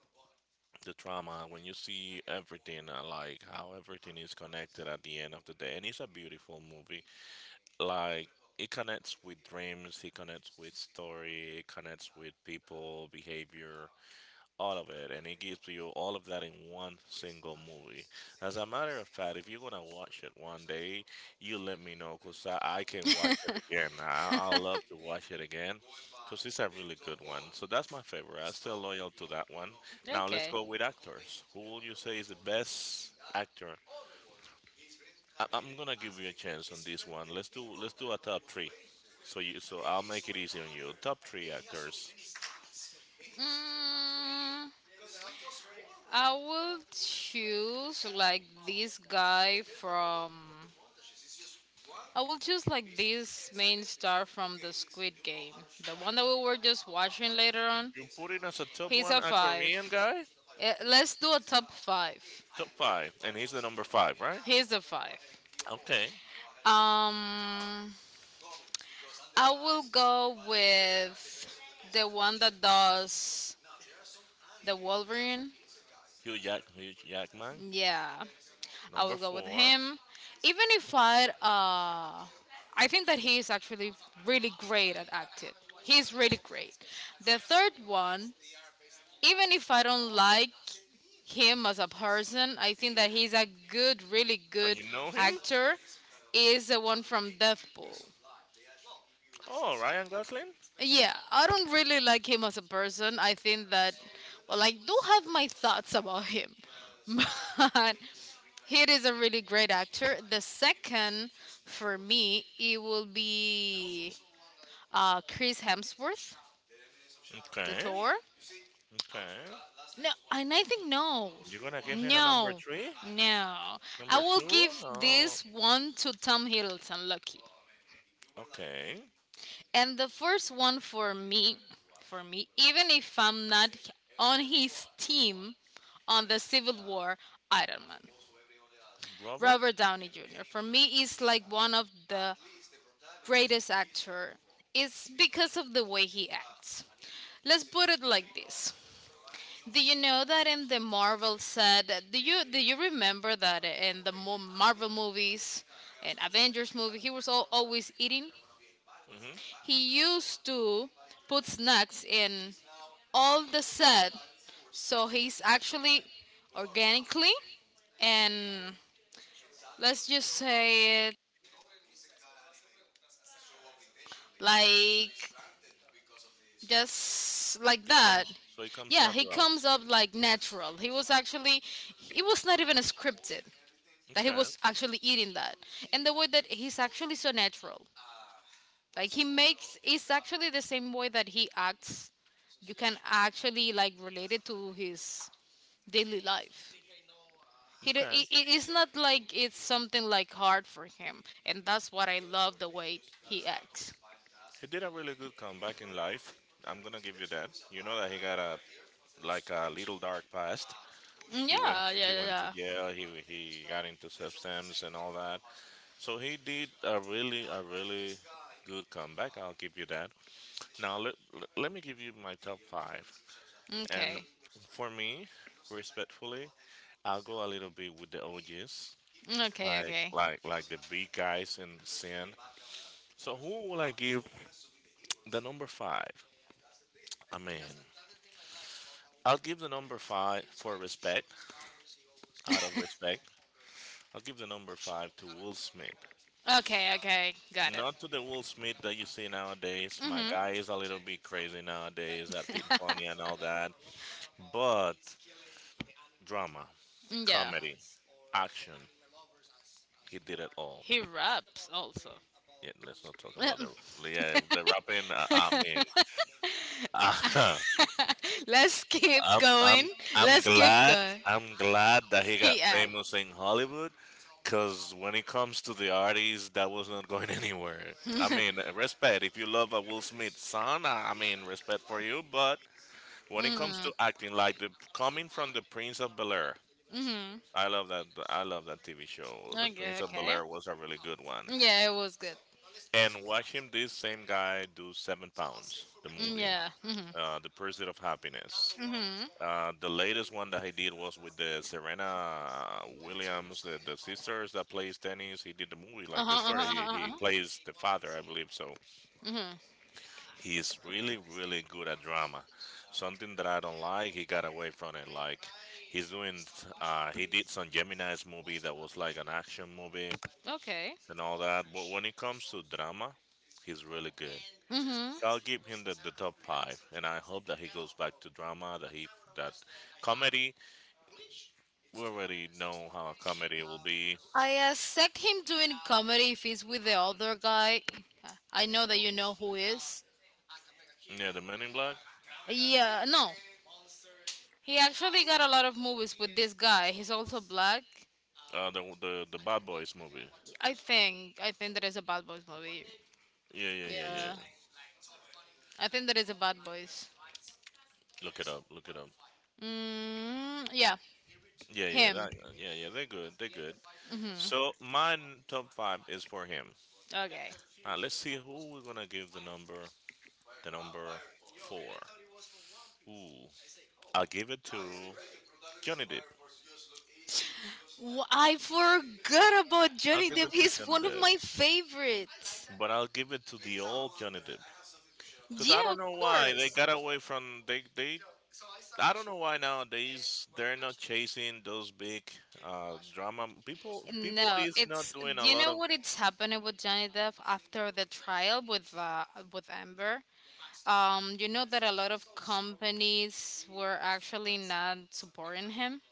the trauma, when you see everything, like how everything is connected at the end of the day, and it's a beautiful movie. Like, it connects with dreams, it connects with story, it connects with people behavior, all of it, and it gives you all of that in one single movie. As a matter of fact, if you're gonna watch it one day, you let me know, because I can watch it again. I love to watch it again because it's a really good one. So that's my favorite. I'm still loyal to that one. Now let's Okay. go with actors. Who will you say is the best actor? I'm gonna give you a chance on this one. Let's do, let's do a top three. So you so I'll make it easy on you. Top three actors. Mm, I will choose like this guy from. I will choose like this main star from the Squid Game, the one that we were just watching later on. You put it as a top He's one, a a five. Korean guy? Let's do a top five. Top five. And he's the number five, right? He's a five. Okay. Um, I will go with the one that does the Wolverine. Hugh Jackman. Yeah, I Number will go with four. him. Even if I I think that he is actually really great at acting. He's really great. The third one, even if I don't like him as a person, I think that he's a really And good you know him? actor. Is the one from Deathpool. Oh, Ryan Gosling? Yeah, I don't really like him as a person. I think that, well, I do have my thoughts about him, but he is a really great actor. The second for me, it will be Chris Hemsworth, the Okay. Thor. Okay. No, and I think no, You're gonna give him a number no, three? no. I Number will two? give No. this one to Tom Hiddleston. Lucky. Okay. And the first one for me, even if I'm not on his team on the Civil War, Iron Man, Robert? Robert Downey Jr. For me, is like one of the greatest actor. It's because of the way he acts. Let's put it like this. Do you know that in the Marvel said? Do you remember that in the Marvel movies and Avengers movie, he was always eating? Mm-hmm. He used to put snacks in all the set. So he's actually organically and let's just say it like just like It that. comes, so it comes Yeah, he natural. comes up like natural. He was actually It was not even scripted that he Okay. was actually eating that. And the way that he's actually so natural. Like he makes It's actually the same way that he acts. You can actually like relate it to his daily life. He do- Okay. I- it's not like it's something like hard for him, and that's what I love the way he acts. He did a really good comeback in life. I'm gonna give you that. You know that he got a like a little dark past. Yeah, He went to jail. He got into substance and all that. So he did a really, a really good comeback. I'll give you that. Now let me give you my top five. yeah. And Okay, for me, respectfully, I'll go a little bit with the OGs, okay like okay the big guys in sin. So who will I give the number five? I mean, I'll give the number five for respect, out of respect. I'll give the number five to Will Smith. Okay, got it. Not to the Will Smith that you see nowadays. My Mm-hmm. guy is a little bit crazy nowadays, acting funny and all that. But drama, Yeah, comedy, action, he did it all. he raps also. Yeah, let's not talk about the, yeah, the rapping. I mean, Let's keep I'm going. I'm I'm Let's keep glad, going. I'm glad that he got He famous acts. in Hollywood, cause when it comes to the artists, that was not going anywhere. I mean, respect if you love a Will Smith son. I mean, respect for you, but. When it comes to Mm-hmm. acting, like the coming from the Prince of Bel Air, I love that. I love that TV show. The Okay, Prince of Bel okay. Air was a really good one. Yeah, it was good. And watching this same guy do Seven Pounds, the Mm, movie, yeah. Hmm. The Pursuit of Happiness. Mhm. The latest one that he did was with the Serena Williams, the sisters that plays tennis. He did the movie Uh like the huh. Uh story. huh. Uh He huh. plays the father, I believe so. Mhm. He's really, really good at drama. Something that I don't like, he got away from it. Like he's doing, he did some Gemini's movie that was like an action movie Okay. and all that. But when it comes to drama, he's really good. Mhm. So I'll give him the top five, and I hope that he goes back to drama. That he that comedy, we already know how a comedy will be. I Him doing comedy if he's with the other guy. I know that you know who is. Yeah, the Men in Black, Yeah. No. He actually got a lot of movies with this guy. He's also black. The Bad Boys movie. I think that is a Bad Boys movie. Yeah, yeah, yeah, yeah. Yeah. I think that is a Bad Boys. Look it up. Look it up. Mm, yeah, Yeah, yeah, him. that, yeah, yeah. They're good. They're good. Hmm. So my top five is for him. Okay. Now let's see who we're gonna give the number. The number four. Ooh, I'll give it to Johnny Depp. I forgot about I'll Johnny give Depp. it to He's Johnny one of Depp, my favorites. but I'll give it to the old Johnny Depp. Cause I Yeah, don't of know why they course. got away from they they. I don't know why nowadays they're not chasing those big, drama people. People No, is not it's, doing a do you lot know of, what it's happening with Johnny Depp after the trial with Amber? You know that a lot of companies were actually not supporting him,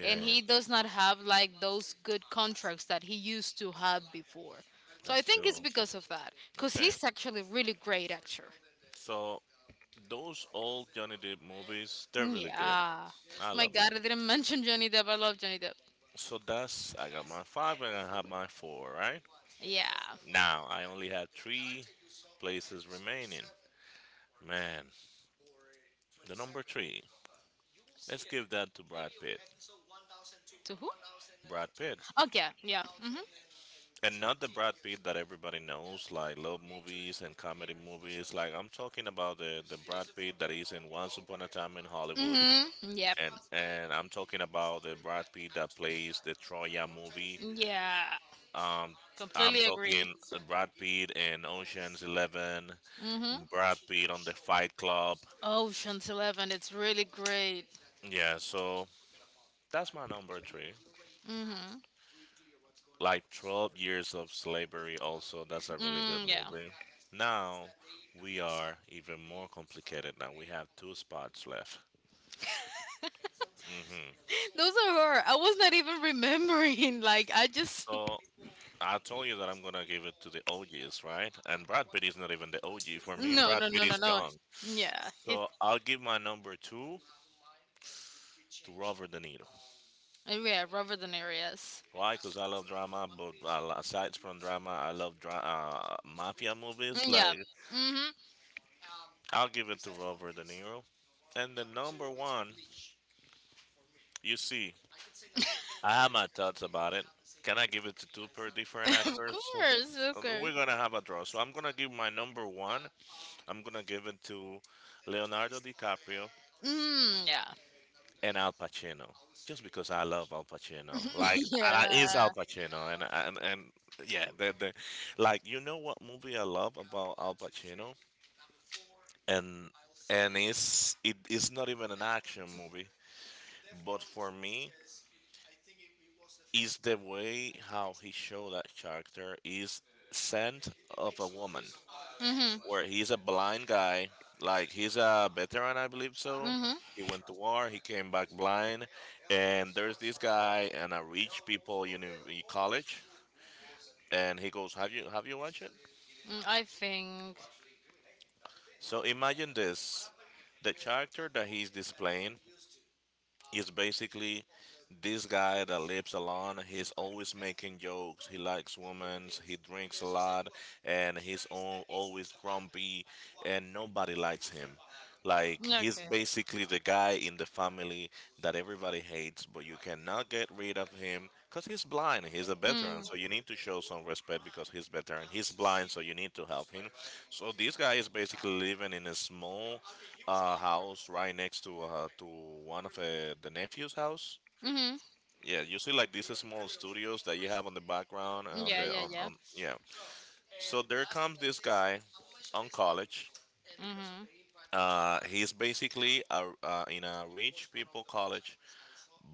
and he does not have like those good contracts that he used to have before. So I That's think it's true. because of that, because Okay. he's actually a really great actor. So those old Johnny Depp movies, they're really good. Yeah. I Oh my love them. God, I didn't mention Johnny Depp. I love Johnny Depp. So that's, I got my five and I have my four, right? Yeah. Now I only have three places remaining. Man, the number three. Let's give that to Brad Pitt. To who? Brad Pitt. Okay. Yeah. Mhm. And not the Brad Pitt that everybody knows, like love movies and comedy movies. Like I'm talking about the Brad Pitt that is in Once Upon a Time in Hollywood, Mhm. Yep. and I'm talking about the Brad Pitt that plays the Troya movie. Yeah. Um, I'm Completely agree. talking Brad Pitt in Ocean's Eleven, Mm-hmm. Brad Pitt on the Fight Club. Ocean's 11. It's really great. Yeah, so that's my number three. Mm-hmm. Like Twelve Years of Slavery, also that's a really good Mm, yeah. movie. Now we are even more complicated. Now we have two spots left. Hmm. Those are her. I was not even remembering. Like I just. So I told you that I'm gonna give it to the OGs, right? And Brad Pitt is not even the OG. For me, No, Brad no, Pitt no, no, is no. young. Yeah. He, So I'll give my number two to Robert De Niro. yeah. Robert De Niro. Yes. Why? Because I love drama, but aside from drama, I love mafia movies. Mm, yeah. Like, Mm-hmm. I'll give it to Robert De Niro. And the number one, you see, I have my thoughts about it. Can I give it to two per different Of actors? course. Of course. We're gonna have a draw. So I'm gonna give my number one. I'm gonna give it to Leonardo DiCaprio Mm, yeah. and Al Pacino, just because I love Al Pacino. Like, I is Al Yeah. Pacino, and yeah, like, you know what movie I love about Al Pacino, and and it's it's not even an action movie, but for me, is the way how he showed that character is scent of a woman. Mm-hmm. Where he's a blind guy. Like, he's a veteran, I believe so. Mm-hmm. He went to war. He came back blind, and there's this guy in a rich people college, and he goes, "Have you, have you watched it?" Mm, I think. So imagine this: the character that he's displaying is basically this guy that lives alone. He's always making jokes. He likes women. He drinks a lot, and he's always grumpy, and nobody likes him. Like he's Okay. basically the guy in the family that everybody hates, but you cannot get rid of him because he's blind. He's a Mm. veteran, so you need to show some respect because he's veteran. He's blind, so you need to help him. So this guy is basically living in a small, house right next to, to one of, the nephew's house. Mm-hmm. Yeah, usually like these small studios that you have on the background, on Yeah. the Yeah. Yeah. on yeah. So there comes this guy on college. Mm-hmm. He's basically a, in a rich people college,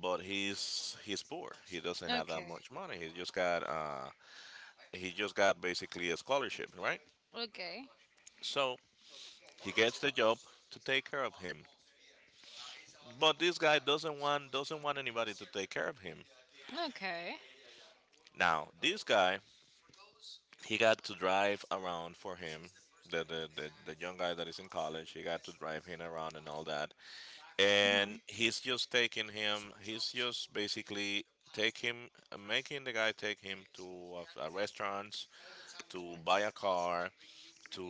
but he's poor. He doesn't have that Okay. much money. He just got, he just got basically a scholarship, right? Okay. So he gets the job to take care of him. But this guy doesn't want anybody to take care of him. Okay. Now this guy he got to drive around for him the young guy that is in college he got to drive him around and all that and Mhm. he's just taking him he's just basically take him making the guy take him to a restaurants to buy a car to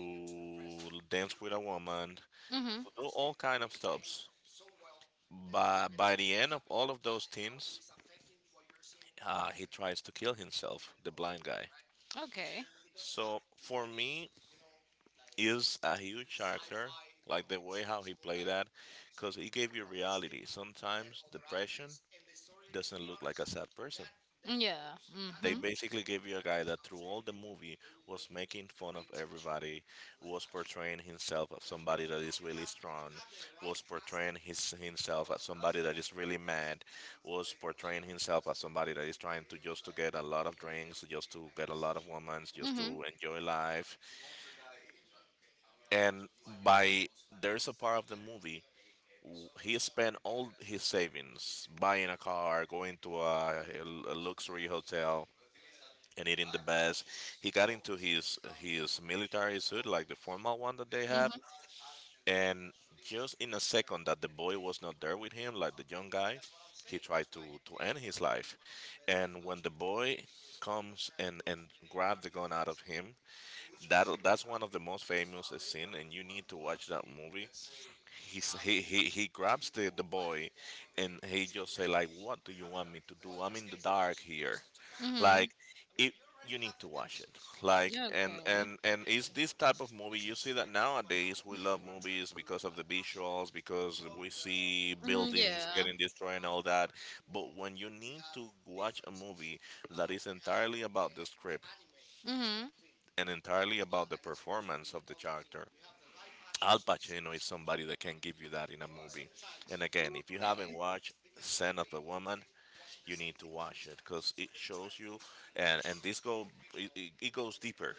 dance with a woman Mhm. to do all kind of stuffs by the end of all of those things he tries to kill himself the blind guy Okay. so for me is a huge actor, like the way how he played that, because he gave you reality. Sometimes depression doesn't look like a sad person. Yeah. They Mhm. basically gave you a guy that through all the movie was making fun of everybody, was portraying himself as somebody that is really strong, was portraying his himself as somebody that is really mad, was portraying himself as somebody that is trying to just to get a lot of drinks, just to get a lot of women, just Mhm. to enjoy life, and by there's a part of the movie he spent all his savings buying a car going to a luxury hotel and eating the best he got into his military suit like the formal one that they have Mhm. and just in a second that the boy was not there with him like the young guy he tried to end his life and when the boy comes and grab the gun out of him that's one of the most famous scene and you need to watch that movie. He's, he, he he grabs the boy and he just say like, what do you want me to do? I'm in the dark here. Mhm. Like it, you need to watch it. Like and Okay. and and it's this type of movie you see that nowadays we love movies because of the visuals because we see Mm, buildings yeah. getting destroyed and all that, but when you need to watch a movie that is entirely about the script Mhm. and entirely about the performance of the character, Al Pacino is somebody that can give you that in a movie. And again, if you haven't Okay. watched Son of a Woman, you need to watch it because it shows you, and this go it, it it goes deeper,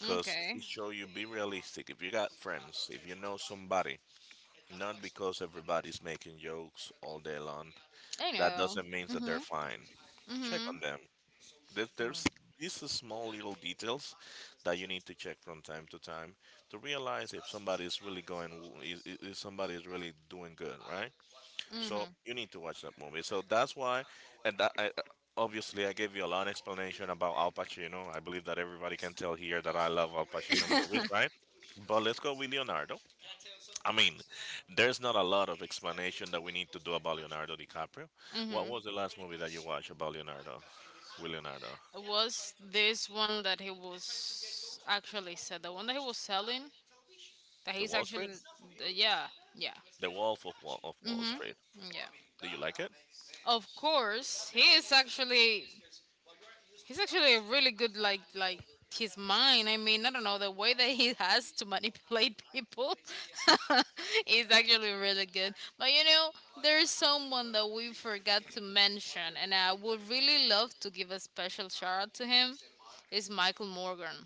because Okay. it show you be realistic. If you got friends, if you know somebody, not because everybody's making jokes all day long, I that know. doesn't mean that they're Mhm. fine. Check on Mhm. them. There's these small little details that you need to check from time to time to realize if somebody is really going, if somebody is really doing good, right? So Mhm. you need to watch that movie. So that's why, and that I, obviously I gave you a long explanation about Al Pacino. I believe that everybody can tell here that I love Al Pacino movies, right? But let's go with Leonardo. I mean, there's not a lot of explanation that we need to do about Leonardo DiCaprio. What Mhm. was the last movie that you watched about Leonardo? With Leonardo? Was this one that he was actually said The one that he was selling, that The he's Wall Street? actually yeah, yeah. The Wolf of Wall Mhm. Street. Yeah. Do you like it? Of course, he is actually. He's actually a really good, like his mind. I mean, I don't know the way that he has to manipulate people is actually really good. But you know, there's someone that we forgot to mention, and I would really love to give a special shout out to him. Is Michael Morgan?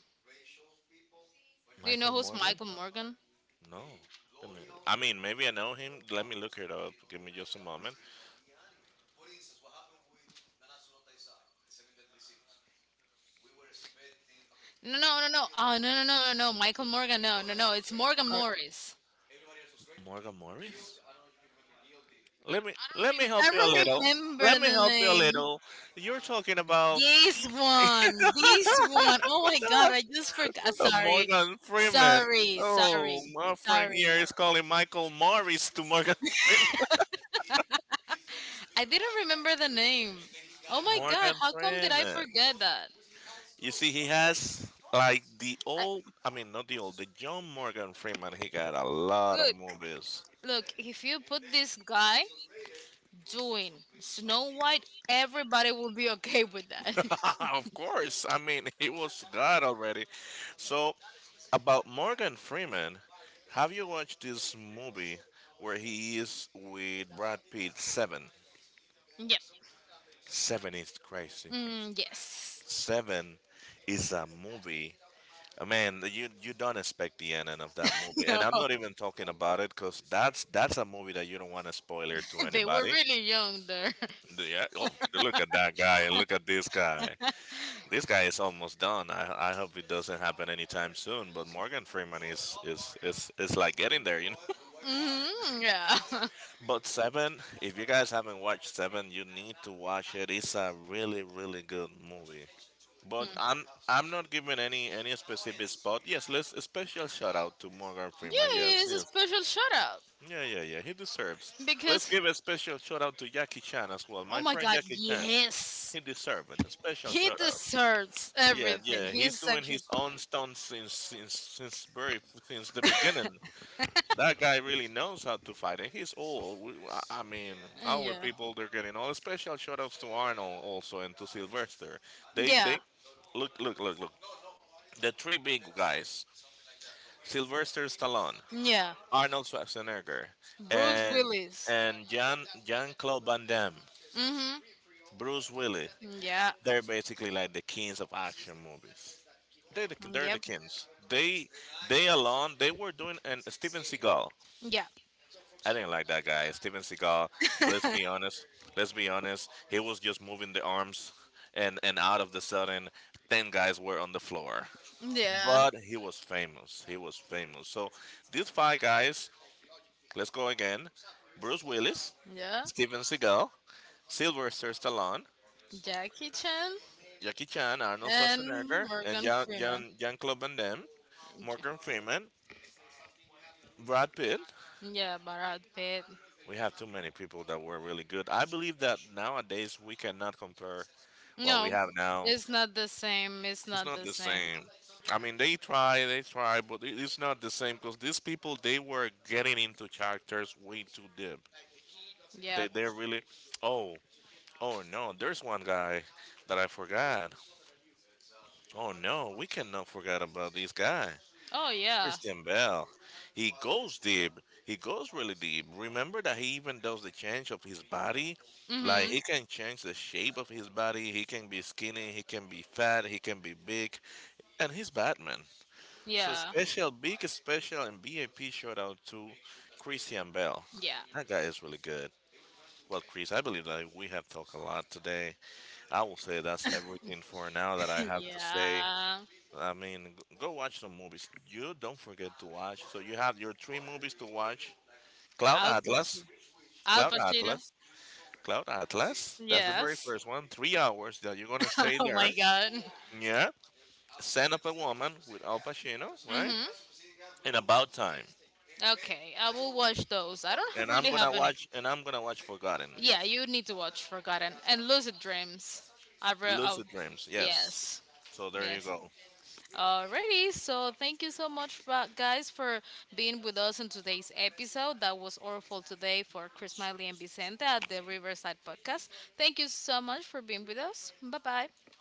Do you know Michael who's Morgan? Michael Morgan? No. Let me, I mean, maybe I know him. Let me look it up. Give me just a moment. No, no, no, no. Oh, no, no, no, no, no. Michael Morgan. No, no, no. It's Morgan All right. Morris. Morgan Morris? Let me I help you a don't little. Let remember me the help you a name. little. You're talking about This one, this one. Oh my god, I just forgot. Sorry, Morgan Freeman. sorry, Oh, sorry, my friend sorry. here is calling Michael Morris to Morgan Freeman. I didn't remember the name. Oh my god, Morgan how come did I Freeman. forget that? You see, he has like the I, old, I mean, not the old, the John Morgan Freeman. He got a lot of Look, movies. look. If you put this guy doing Snow White, everybody will be okay with that. Of course. I mean, he was God already. So, about Morgan Freeman, have you watched this movie where he is with Brad Pitt? Seven. Yep. Seven is crazy. Mm, yes. Seven is a movie. Man, you don't expect the ending of that movie, and No, I'm not even talking about it because that's a movie that you don't want to spoiler to they were anybody. really young there. Yeah, oh, look at that guy and look at this guy. This guy is almost done. I hope it doesn't happen anytime soon. But Morgan Freeman is like getting there. Hmm. Yeah. Yeah, But Seven, if you guys haven't watched Seven, you need to watch it. It's a really really good movie. But I'm not giving any specific spot. Yes, let's a special shout out to Morgan Freeman. Yes, it's a yes. special shout out Yeah, yeah, yeah. He deserves. Let's because. give a special shout out to Jackie Chan as well. Oh My my friend god, Jackie Chan. yes. He deserves it. A special He shout out. deserves Yeah, everything. yeah. He's He's doing his actually own stunts since the beginning. That guy really knows how to fight, and he's old. I mean, our yeah. people they're getting all special shout outs to Arnold also and to Sylvester. They Yeah. they look. The three big guys. Sylvester Stallone, Yeah. Arnold Schwarzenegger, Bruce and Willis. and Jan Jean Claude Van Damme, Mhm. Bruce Willis. Yeah. They're basically like the kings of action movies. They're the Yep. kings. They alone they were doing, and Steven Seagal. Yeah. I didn't like that guy. Steven Seagal. Let's be honest. Let's be honest. He was just moving the arms, and out of the sudden, 10 guys were on the floor. Yeah. But he was famous. He was famous. So these five guys. Let's go again. Bruce Willis, Yeah. Steven Seagal, Sylvester Stallone, Jackie Chan Jackie Chan, Arnold and Schwarzenegger, and Morgan Freeman. Jean-Claude Van Damme, J- Morgan Freeman, Brad Pitt. Yeah, Brad Pitt. We have too many people that were really good. I believe that nowadays we cannot compare what we No, have now. it's not the same. It's It's not not the the same. same. I mean, they try, but it's not the same because these people they were getting into characters way too deep. They Yep. they are really, oh oh no, there's one guy that I forgot. Oh no, we cannot forget about this guy, Oh yeah. Christian Bell. He goes deep. He goes really deep. Remember that he even does the change of his body. Like he Mhm. can change the shape of his body. He can be skinny. He can be fat. He can be big. And he's Batman. So Yeah. special, big special, and BAP shout out to Christian Bell. Yeah. That guy is really good. Well, Chris, I believe that we have talked a lot today. I will say that's everything for now that I have to say. Yeah. I mean, go watch some movies. You don't forget to watch. So you have your three movies to watch: Cloud Al Atlas, Pacino. Al Cloud Pacino. Atlas, Cloud Atlas. That's the very Yes. first one. 3 hours that you're gonna stay Oh there. my god. Yeah. Son of a Woman with Al Pacino, right? Mhm. And About Time. Okay, I will watch those. I don't have, And I'm really gonna have any. watch. And I'm gonna watch Forgotten, Yeah, you need to watch Forgotten and Lucid Dreams. Oh, Lucid Dreams. Yes. yes, So there you yes. go. Alrighty, so thank you so much, guys, for being with us on today's episode. That was Orful today for Chris Miley and Vicente at the Riverside Podcast. Thank you so much for being with us. Bye bye.